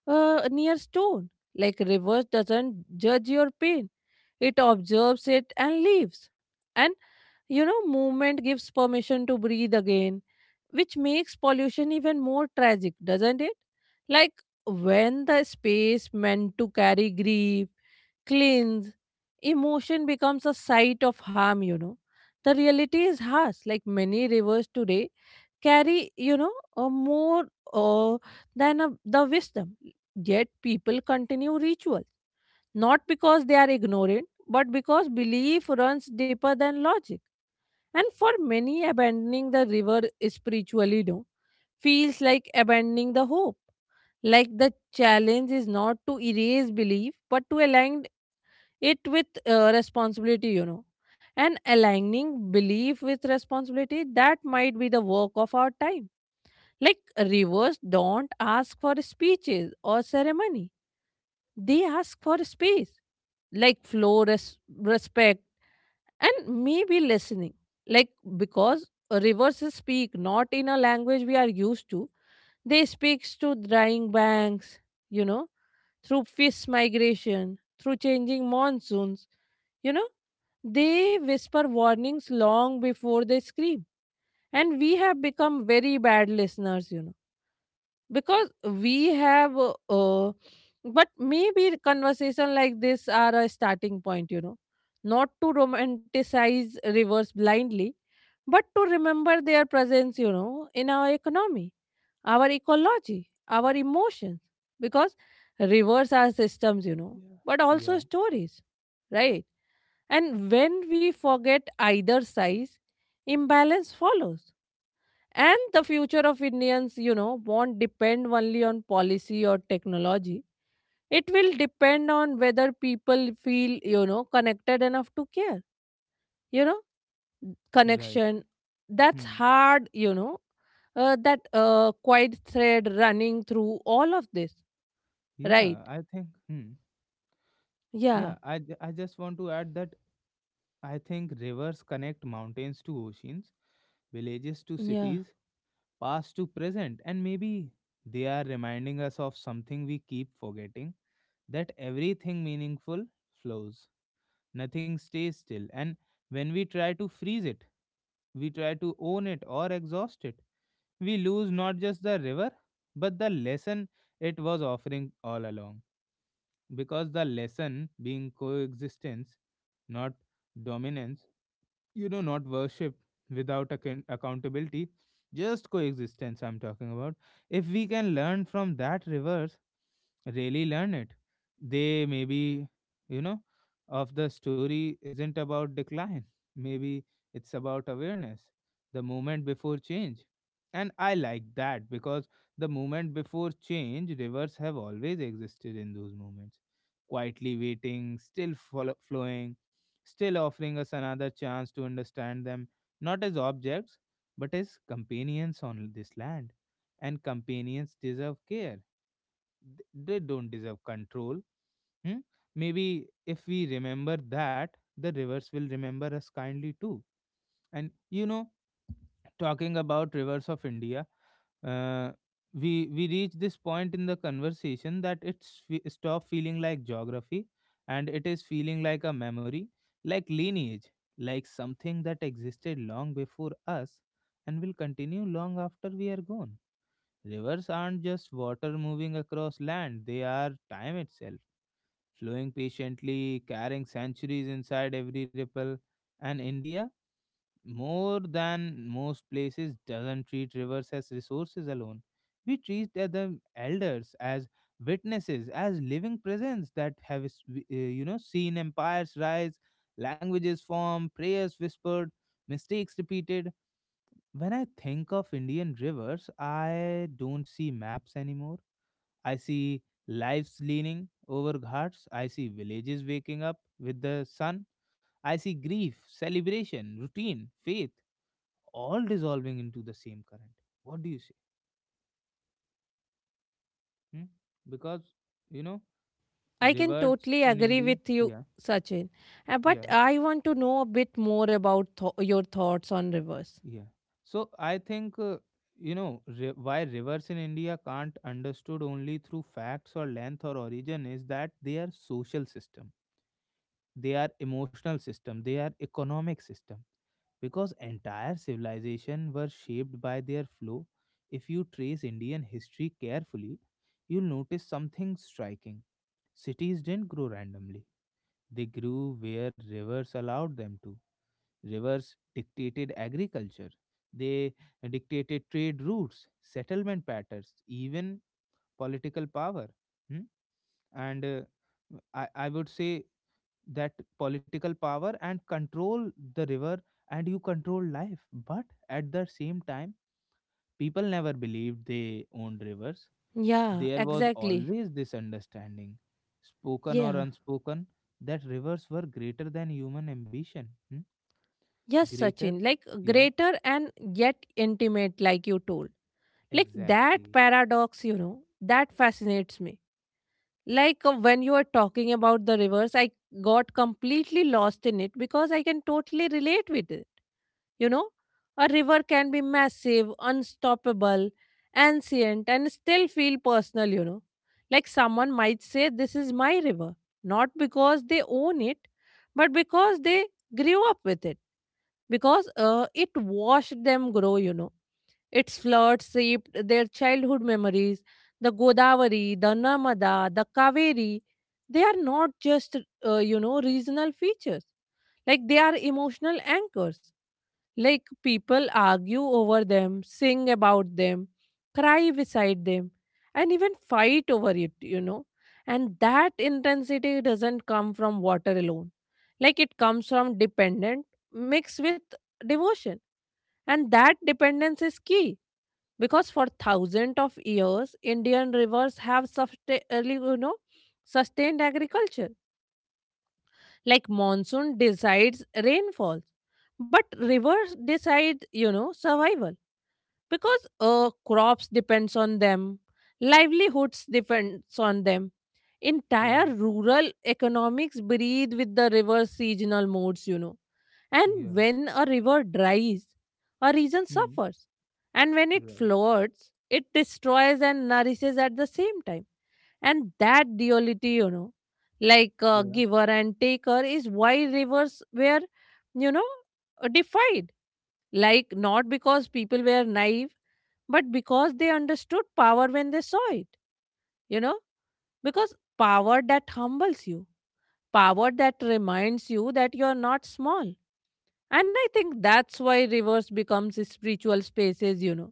[SPEAKER 2] uh, near stone. Like river doesn't judge your pain, it observes it and leaves. And movement gives permission to breathe again, which makes pollution even more tragic, doesn't it? Like when the space meant to carry grief, cleanse emotion, becomes a site of harm. The reality is harsh. Like many rivers today carry you know a more uh, than a, the wisdom, yet people continue rituals, not because they are ignorant, but because belief runs deeper than logic. And for many, abandoning the river spiritually, no, feels like abandoning the hope. Like the challenge is not to erase belief but to align it with responsibility, you know. And aligning belief with responsibility, that might be the work of our time. Like rivers don't ask for speeches or ceremony, they ask for space, like flow, respect, and maybe listening. Like because rivers speak not in a language we are used to, they speak to drying banks, you know, through fish migration, through changing monsoons, you know, they whisper warnings long before they scream. And we have become very bad listeners, because we have but maybe conversation like this are a starting point, not to romanticize rivers blindly, but to remember their presence in our economy, our ecology, our emotions, because rivers are systems,
[SPEAKER 1] Yeah.
[SPEAKER 2] but also
[SPEAKER 1] Yeah,
[SPEAKER 2] stories, right? And when we forget either size, imbalance follows. And the future of Indians, won't depend only on policy or technology. It will depend on whether people feel, connected enough to care. You know,
[SPEAKER 1] right.
[SPEAKER 2] connection. That's
[SPEAKER 1] Hmm.
[SPEAKER 2] hard, that quiet thread running through all of this, right?
[SPEAKER 1] Yeah, I think. Hmm.
[SPEAKER 2] Yeah,
[SPEAKER 1] Yeah, I just want to add that I think rivers connect mountains to oceans, villages to
[SPEAKER 2] yeah.
[SPEAKER 1] cities, past to present, and maybe they are reminding us of something we keep forgetting, that everything meaningful flows. Nothing stays still, and when we try to freeze it, we try to own it or exhaust it, we lose not just the river, but the lesson it was offering all along. Because the lesson being coexistence, not dominance, you know, not worship without accountability, just coexistence I'm talking about. If we can learn from that reverse, really learn it, they maybe, you know, of the story isn't about decline, maybe it's about awareness, the moment before change. And I like that because the moment before change rivers have always existed in those moments, quietly waiting, still flowing, still offering us another chance to understand them, not as objects but as companions on this land. And companions deserve care. They don't deserve control. Hmm? Maybe if we remember that, the rivers will remember us kindly too. And you know, talking about rivers of India, uh, we reach this point in the conversation that it's stop feeling like geography, and it is feeling like a memory, like lineage, like something that existed long before us, and will continue long after we are gone. Rivers aren't just water moving across land; they are time itself, flowing patiently, carrying centuries inside every ripple. And India, more than most places, doesn't treat rivers as resources alone. We treat the elders as witnesses, as living presence that have you know, seen empires rise, languages form, prayers whispered, mistakes repeated. When I think of Indian rivers, I don't see maps anymore, I see lives leaning over ghats, I see villages waking up with the sun, I see grief, celebration, routine, faith, all dissolving into the same current. What do you say? Hmm? Because you know
[SPEAKER 2] I can
[SPEAKER 1] rivers
[SPEAKER 2] totally
[SPEAKER 1] in
[SPEAKER 2] agree
[SPEAKER 1] India.
[SPEAKER 2] with you,
[SPEAKER 1] Yeah,
[SPEAKER 2] Sachin. But
[SPEAKER 1] yeah,
[SPEAKER 2] I want to know a bit more about your thoughts on rivers.
[SPEAKER 1] yeah. So I think you know, ri why rivers in India can't understood only through facts or length or origin is that they are social system, they are emotional system, they are economic system. Because entire civilization were shaped by their flow. If you trace Indian history carefully, you'll notice something striking. Cities didn't grow randomly, they grew where rivers allowed them to. Rivers dictated agriculture, they dictated trade routes, settlement patterns, even political power. Hmm? And I would say that political power and control the river, and you control life. But at the same time, people never believed they owned rivers.
[SPEAKER 2] Yeah,
[SPEAKER 1] There was
[SPEAKER 2] exactly.
[SPEAKER 1] always this understanding, spoken or
[SPEAKER 2] Yeah.
[SPEAKER 1] unspoken, that rivers were greater than human ambition. Hmm?
[SPEAKER 2] Yes,
[SPEAKER 1] Greater?
[SPEAKER 2] Sachin, like
[SPEAKER 1] Yeah,
[SPEAKER 2] greater and yet intimate, like you told. Like that
[SPEAKER 1] exactly.
[SPEAKER 2] paradox, that fascinates me. Like when you were talking about the rivers, I got completely lost in it, because I can totally relate with it. You know, a river can be massive, unstoppable, ancient, and still feel personal. Like someone might say, this is my river, not because they own it, but because they grew up with it, because it watched them grow. Its floods shaped their childhood memories. The Godavari, the Narmada, the Kaveri, they are not just regional features. Like they are emotional anchors, like people argue over them, sing about them, cry beside them, and even fight over it. And that intensity doesn't come from water alone. Like it comes from dependent mixed with devotion. And that dependence is key, because for thousands of years, Indian rivers have sustained agriculture. Like monsoon decides rainfalls, but rivers decide survival, because crops depends on them, livelihoods depends on them, entire
[SPEAKER 1] Yeah,
[SPEAKER 2] rural economics breathe with the river's seasonal moods. And
[SPEAKER 1] yeah.
[SPEAKER 2] when a river dries, a region
[SPEAKER 1] Hmm.
[SPEAKER 2] suffers, and when it
[SPEAKER 1] Right.
[SPEAKER 2] floods, it destroys and nourishes at the same time. And that duality, like
[SPEAKER 1] Yeah,
[SPEAKER 2] giver and taker is why rivers were you know uh, defied, like not because people were naive, but because they understood power when they saw it, you know, because power that humbles you, power that reminds you that you're not small. And I think that's why rivers becomes spiritual spaces, you know,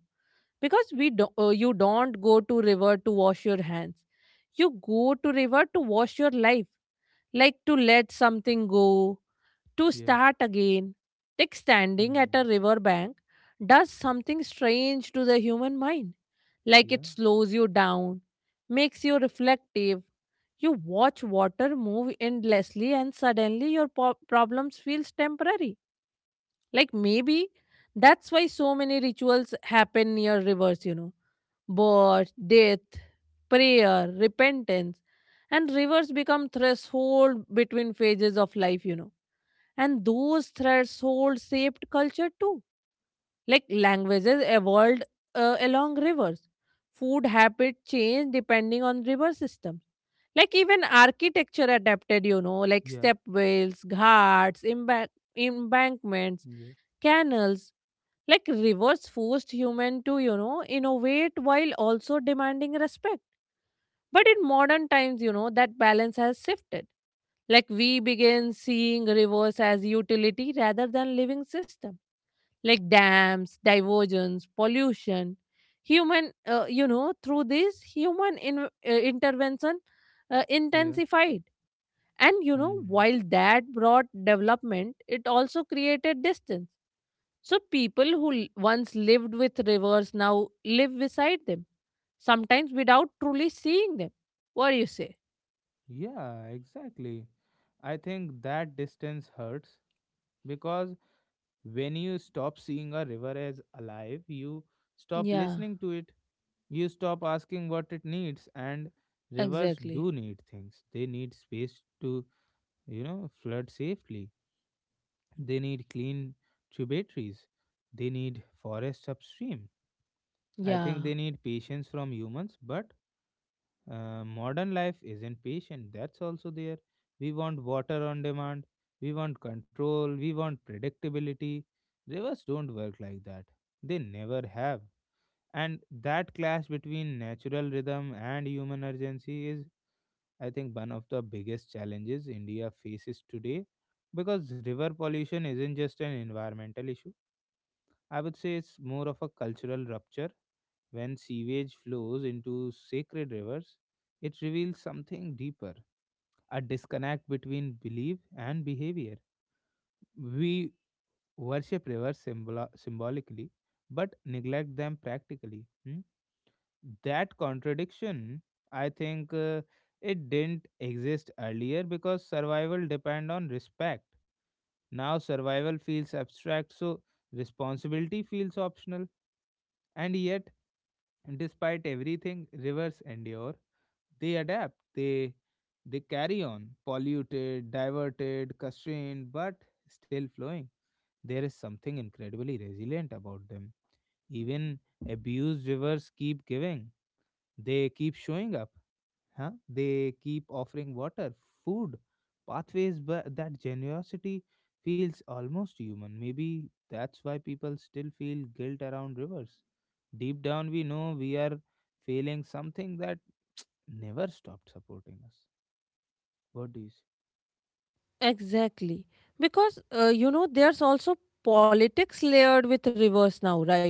[SPEAKER 2] because we do, you don't go to river to wash your hands. You go to river to wash your life, like to let something go, to
[SPEAKER 1] yeah.
[SPEAKER 2] start again, like standing at a
[SPEAKER 1] Hmm.
[SPEAKER 2] riverbank, does something strange to the human mind. Like
[SPEAKER 1] Yeah,
[SPEAKER 2] it slows you down, makes you reflective. You watch water move endlessly, and suddenly your problems feels temporary. Like maybe that's why so many rituals happen near rivers. You know, birth, death, prayer, repentance, and rivers become threshold between phases of life. You know and those thresholds shaped culture too. Like languages evolved along rivers. Food habit changed depending on river systems. Like even architecture adapted, you know, like
[SPEAKER 1] yeah,
[SPEAKER 2] stepwells, ghats, embankments,
[SPEAKER 1] yeah,
[SPEAKER 2] canals. Like rivers forced human to, you know, innovate while also demanding respect. But in modern times, you know, that balance has shifted like we begin seeing rivers as utility rather than living system, like dams, diversions, pollution, human. You know, through this human intervention
[SPEAKER 1] yeah.
[SPEAKER 2] intensified, and you know,
[SPEAKER 1] Hmm.
[SPEAKER 2] while that brought development, it also created distance. So people who once lived with rivers now live beside them, sometimes without truly seeing them. What do you say?
[SPEAKER 1] Yeah, exactly. I think that distance hurts because when you stop seeing a river as alive, you stop
[SPEAKER 2] Yeah,
[SPEAKER 1] listening to it. You stop asking what it needs, and rivers
[SPEAKER 2] exactly.
[SPEAKER 1] do need things. They need space to, flood safely. They need clean tributaries. They need forests upstream. I think
[SPEAKER 2] Yeah.
[SPEAKER 1] they need patience from humans, but modern life isn't patient. That's also there. We want water on demand. We want control. We want predictability. Rivers don't work like that. They never have. And that clash between natural rhythm and human urgency is, I think, one of the biggest challenges India faces today, because river pollution isn't just an environmental issue. I would say it's more of a cultural rupture. When sewage flows into sacred rivers, it reveals something deeper, a disconnect between belief and behavior. We worship rivers symbolically but neglect them practically. Hmm? That contradiction, I think, it didn't exist earlier because survival depend on respect. Now survival feels abstract, so responsibility feels optional. And yet, despite everything rivers endure, they adapt, they carry on, polluted, diverted, constrained, but still flowing. There is something incredibly resilient about them. Even abused rivers keep giving. They keep showing up, huh? They keep offering water, food, pathways, but that generosity feels almost human. Maybe that's why people still feel guilt around rivers. Deep down, we know we are failing something that never stopped supporting us. What do you say?
[SPEAKER 2] Exactly. Because, you know, there's also politics layered with rivers now, right?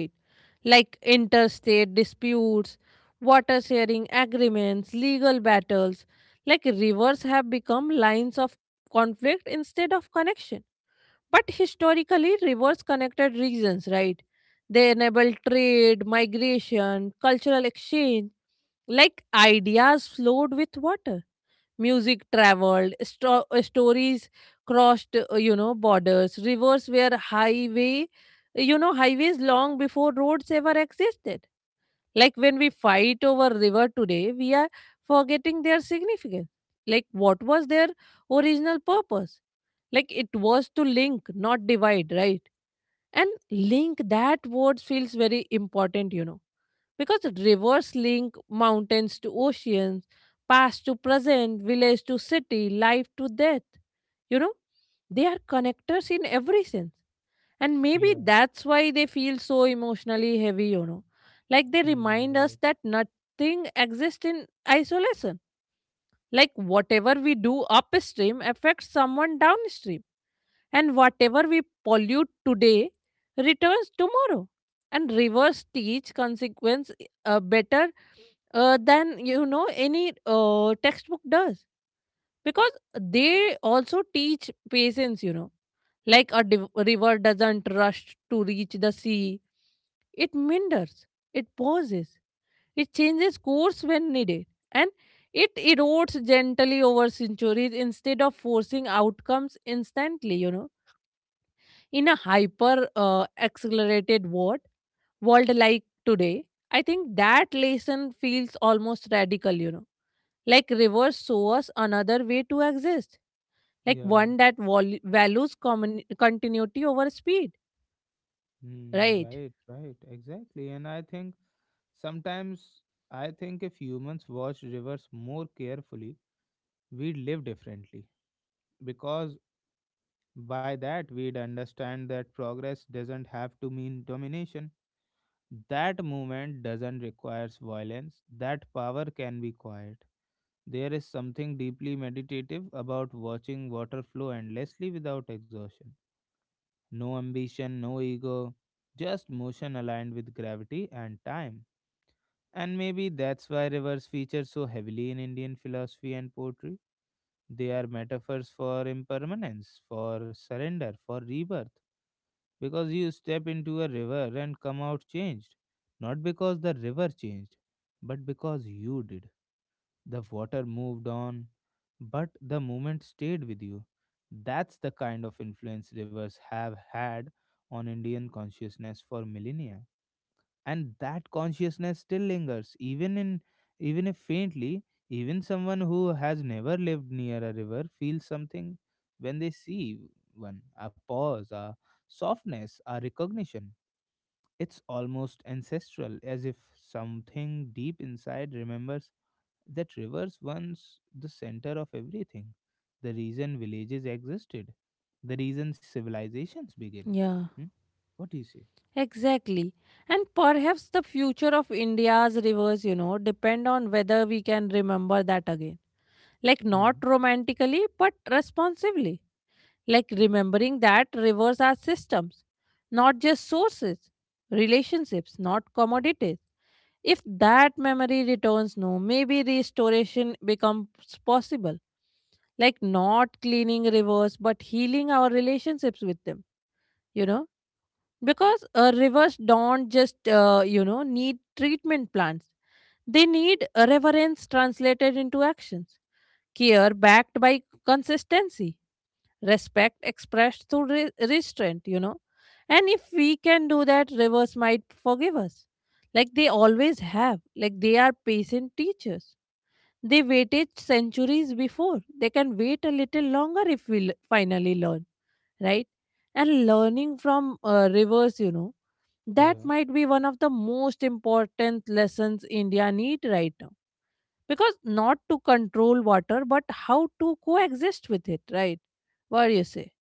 [SPEAKER 2] Like interstate disputes, water sharing agreements, legal battles. Like rivers have become lines of conflict instead of connection. But historically, rivers connected regions, right? They enable trade, migration, cultural exchange. Like ideas flowed with water music traveled, stories crossed, you know, borders, rivers were highway, you know, highways long before roads ever existed. Like when we fight over river today, we are forgetting their significance. Like what was their original purpose? Like it was to link, not divide, right? And link that word feels very important, you know because rivers link mountains to oceans, past to present, village to city, life to death. You know, they are connectors in every sense. And maybe
[SPEAKER 1] Yeah.
[SPEAKER 2] that's why they feel so emotionally heavy, you know. Like they
[SPEAKER 1] Hmm,
[SPEAKER 2] remind us
[SPEAKER 1] right.
[SPEAKER 2] that nothing exists in isolation. Like whatever we do upstream affects someone downstream. And whatever we pollute today returns tomorrow. And rivers teach consequence better than you know any textbook does because they also teach patience you know like a river doesn't rush to reach the sea, it meanders, it pauses, it changes course when needed, and it erodes gently over centuries instead of forcing outcomes instantly, you know, in a hyper accelerated world like today. I think that lesson feels almost radical, you know, like rivers show us another way to exist, like
[SPEAKER 1] Yeah.
[SPEAKER 2] one that values continuity over speed,
[SPEAKER 1] Hmm,
[SPEAKER 2] right?
[SPEAKER 1] right, right, exactly. And I think sometimes, I think if humans watched rivers more carefully, we'd live differently. Because by that, we'd understand that progress doesn't have to mean domination. That movement doesn't require violence, that power can be quiet. There is something deeply meditative about watching water flow endlessly without exhaustion. No ambition, no ego, just motion aligned with gravity and time. And maybe that's why rivers feature so heavily in Indian philosophy and poetry. They are metaphors for impermanence, for surrender, for rebirth. Because you step into a river and come out changed. Not because the river changed, but because you did. The water moved on, but the moment stayed with you. That's the kind of influence rivers have had on Indian consciousness for millennia, and that consciousness still lingers, even in, even if faintly. Even someone who has never lived near a river feels something when they see one, a pause, a softness, a recognition. It's almost ancestral, as if something deep inside remembers that rivers once the center of everything, the reason villages existed, the reason civilizations begin.
[SPEAKER 2] Yeah.
[SPEAKER 1] Hmm? What do you say?
[SPEAKER 2] Exactly. And perhaps the future of India's rivers, you know, depend on whether we can remember that again. Like not
[SPEAKER 1] Hmm.
[SPEAKER 2] romantically, but responsibly. Like remembering that rivers are systems, not just sources, relationships, not commodities. If that memory returns, no, maybe restoration becomes possible. Like not cleaning rivers, but healing our relationships with them, you know? Because rivers don't just, you know, need treatment plants. They need reverence translated into actions, care backed by consistency, respect expressed through restraint, you know, and if we can do that rivers might forgive us, like they always have, like they are patient teachers, they waited centuries before they can wait a little longer if we finally learn, right? And learning from rivers, you know, that
[SPEAKER 1] Yeah,
[SPEAKER 2] might be one of the most important lessons India need right now, because not to control water but how to coexist with it, right? What do you say?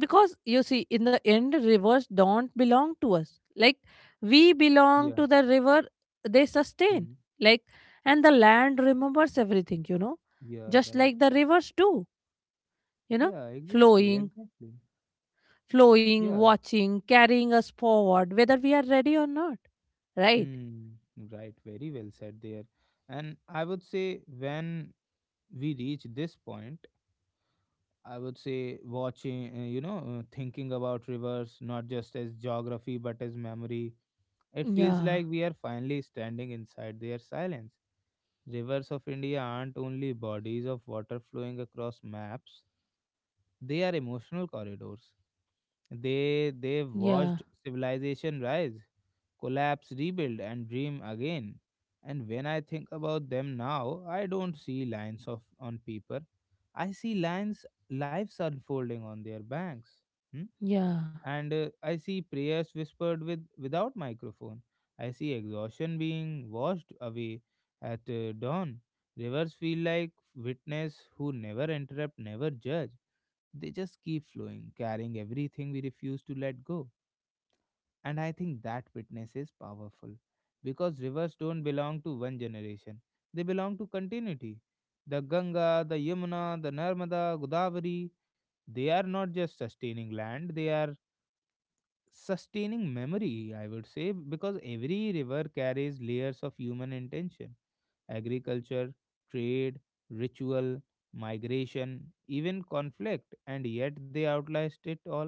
[SPEAKER 2] Because you see in the end rivers don't belong to us, like we belong
[SPEAKER 1] yeah.
[SPEAKER 2] to the river, they sustain,
[SPEAKER 1] Hmm.
[SPEAKER 2] like, and the land remembers everything, you know,
[SPEAKER 1] Yeah,
[SPEAKER 2] just
[SPEAKER 1] right.
[SPEAKER 2] like the rivers do, you know,
[SPEAKER 1] Yeah, exactly,
[SPEAKER 2] flowing,
[SPEAKER 1] exactly.
[SPEAKER 2] flowing,
[SPEAKER 1] Yeah.
[SPEAKER 2] watching, carrying us forward whether we are ready or not, right?
[SPEAKER 1] Hmm, right. Very well said there. And I would say when we reach this point, I would say watching, thinking about rivers, not just as geography, but as memory. It feels
[SPEAKER 2] Yeah,
[SPEAKER 1] like we are finally standing inside their silence. Rivers of India aren't only bodies of water flowing across maps, they are emotional corridors. They've
[SPEAKER 2] yeah,
[SPEAKER 1] watched civilization rise, collapse, rebuild, and dream again. And when I think about them now, I don't see lines of on paper. I see lines lives unfolding on their banks. Hmm?
[SPEAKER 2] yeah,
[SPEAKER 1] And I see prayers whispered with without microphone. I see exhaustion being washed away at dawn. Rivers feel like witness who never interrupt, never judge. They just keep flowing, carrying everything we refuse to let go. And I think that witness is powerful because rivers don't belong to one generation, they belong to continuity. The Ganga, the Yamuna, the Narmada, Godavari, they are not just sustaining land, they are sustaining memory, I would say, because every river carries layers of human intention: agriculture, trade, ritual, migration, even conflict, and yet they outlast it all.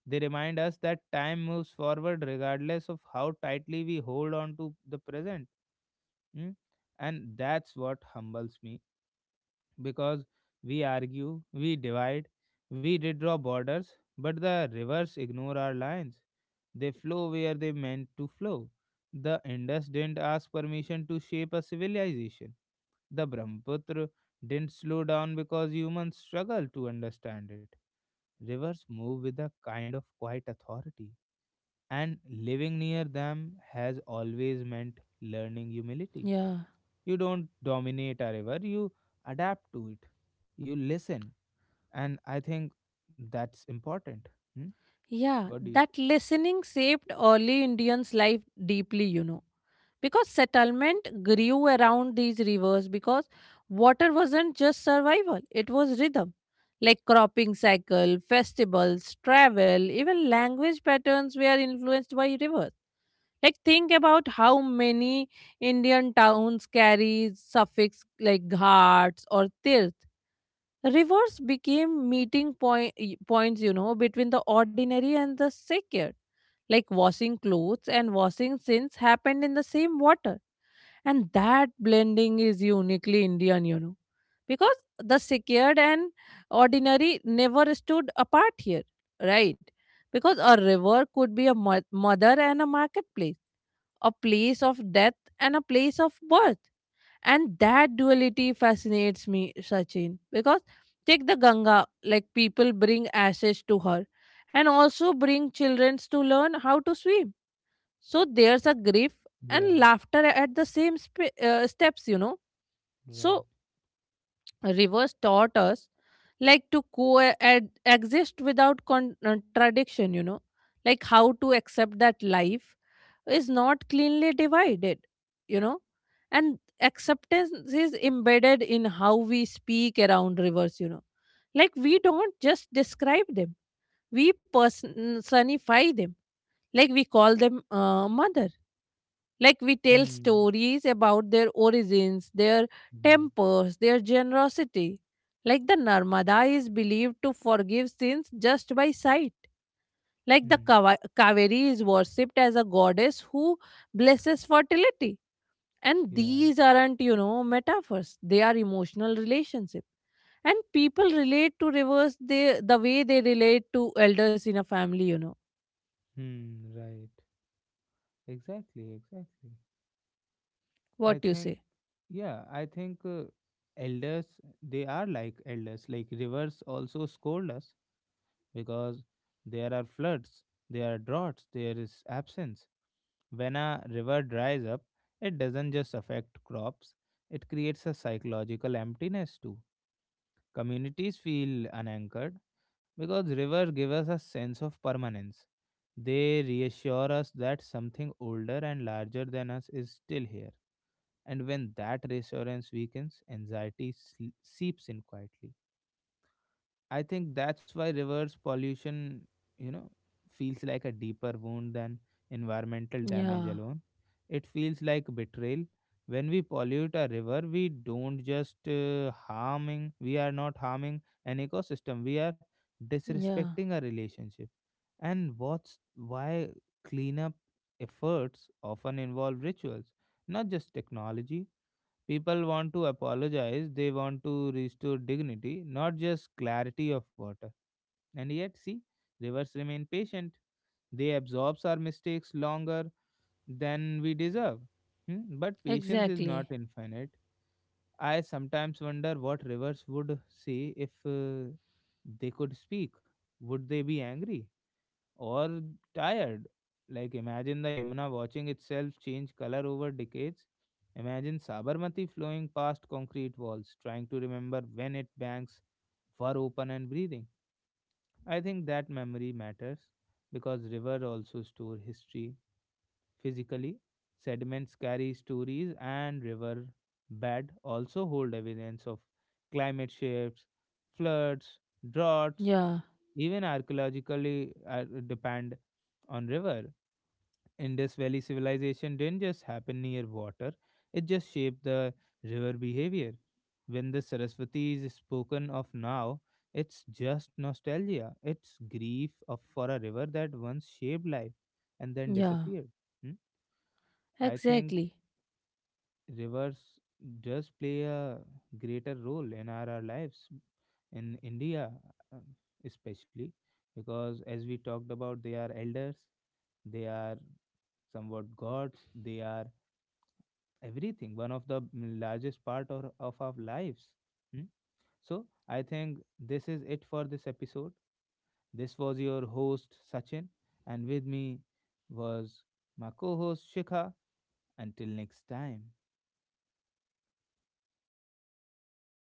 [SPEAKER 1] They remind us that time moves forward regardless of how tightly we hold on to the present. Mm? And that's what humbles me, because we argue, we divide, we redraw borders, but the rivers ignore our lines. They flow where they meant to flow. The Indus didn't ask permission to shape a civilization. The Brahmaputra didn't slow down because humans struggle to understand it. Rivers move with a kind of quiet authority, and living near them has always meant learning humility.
[SPEAKER 2] yeah,
[SPEAKER 1] You don't dominate a river, you adapt to it, you listen. And I think that's important. Hmm?
[SPEAKER 2] yeah,
[SPEAKER 1] What do you?
[SPEAKER 2] that listening shaped early Indians life deeply, you know, because settlement grew around these rivers because water wasn't just survival, it was rhythm, like cropping cycle, festivals, travel, even language patterns were influenced by rivers. Like think about how many Indian towns carry suffix like ghats or tirth. Rivers became meeting points, you know, between the ordinary and the sacred. Like washing clothes and washing sins happened in the same water. And that blending is uniquely Indian, you know, because the secured and ordinary never stood apart here, right? Because a river could be a mother and a marketplace, a place of death and a place of birth. And that duality fascinates me, Sachin, because take the Ganga, like people bring ashes to her and also bring children to learn how to swim. So there's a grief
[SPEAKER 1] Yeah,
[SPEAKER 2] and laughter at the same steps, you know.
[SPEAKER 1] right.
[SPEAKER 2] So rivers taught us like to coexist without contradiction, you know, like how to accept that life is not cleanly divided, you know, and acceptance is embedded in how we speak around rivers, you know. Like we don't just describe them, we personify them. Like we call them mother. Like we tell
[SPEAKER 1] Hmm,
[SPEAKER 2] stories about their origins, their
[SPEAKER 1] right.
[SPEAKER 2] tempers, their generosity. Like the Narmada is believed to forgive sins just by sight. Like the
[SPEAKER 1] Hmm,
[SPEAKER 2] Kaveri is worshipped as a goddess who blesses fertility, and
[SPEAKER 1] yeah.
[SPEAKER 2] these aren't, you know, metaphors. They are emotional relationship. And people relate to rivers the way they relate to elders in a family, you know.
[SPEAKER 1] Hmm, right. Exactly, exactly. I
[SPEAKER 2] What you
[SPEAKER 1] think,
[SPEAKER 2] say?
[SPEAKER 1] yeah, I think elders, they are like elders. Like rivers also scold us, because there are floods, there are droughts, there is absence. When a river dries up, it doesn't just affect crops, it creates a psychological emptiness too. Communities feel unanchored because rivers give us a sense of permanence. They reassure us that something older and larger than us is still here. And when that reassurance weakens, anxiety seeps in quietly. I think that's why reverse pollution, you know, feels like a deeper wound than environmental damage
[SPEAKER 2] Yeah,
[SPEAKER 1] alone. It feels like betrayal. When we pollute a river, we don't just harming, we are not harming an ecosystem, we are
[SPEAKER 2] yeah,
[SPEAKER 1] disrespecting a relationship. And what's why cleanup efforts often involve rituals, not just technology. People want to apologize, they want to restore dignity, not just clarity of water. And yet, see, rivers remain patient. They absorb our mistakes longer than we deserve. Hmm. But patience is
[SPEAKER 2] exactly.
[SPEAKER 1] not infinite. I sometimes wonder what rivers would say if they could speak. Would they be angry or tired? Like, imagine the Yamuna watching itself change color over decades. Imagine Sabarmati flowing past concrete walls, trying to remember when its banks were open and breathing. I think that memory matters because river also store history physically. Sediments carry stories, and river bed also hold evidence of climate shifts, floods, droughts,
[SPEAKER 2] Yeah,
[SPEAKER 1] even archaeologically depend on river. Indus Valley civilization didn't just happen near water, it just shaped the river behavior. When the Saraswati is spoken of now, it's just nostalgia. It's grief of, for a river that once shaped life and then
[SPEAKER 2] yeah,
[SPEAKER 1] disappeared. Hmm? I think
[SPEAKER 2] exactly.
[SPEAKER 1] rivers does play a greater role in our lives in India, uh, especially because, as we talked about, they are elders, they are somewhat gods, they are everything, one of the largest part of our lives. Hmm. So I think this is it for this episode. This was your host Sachin, and with me was my co-host Shikha. Until next time.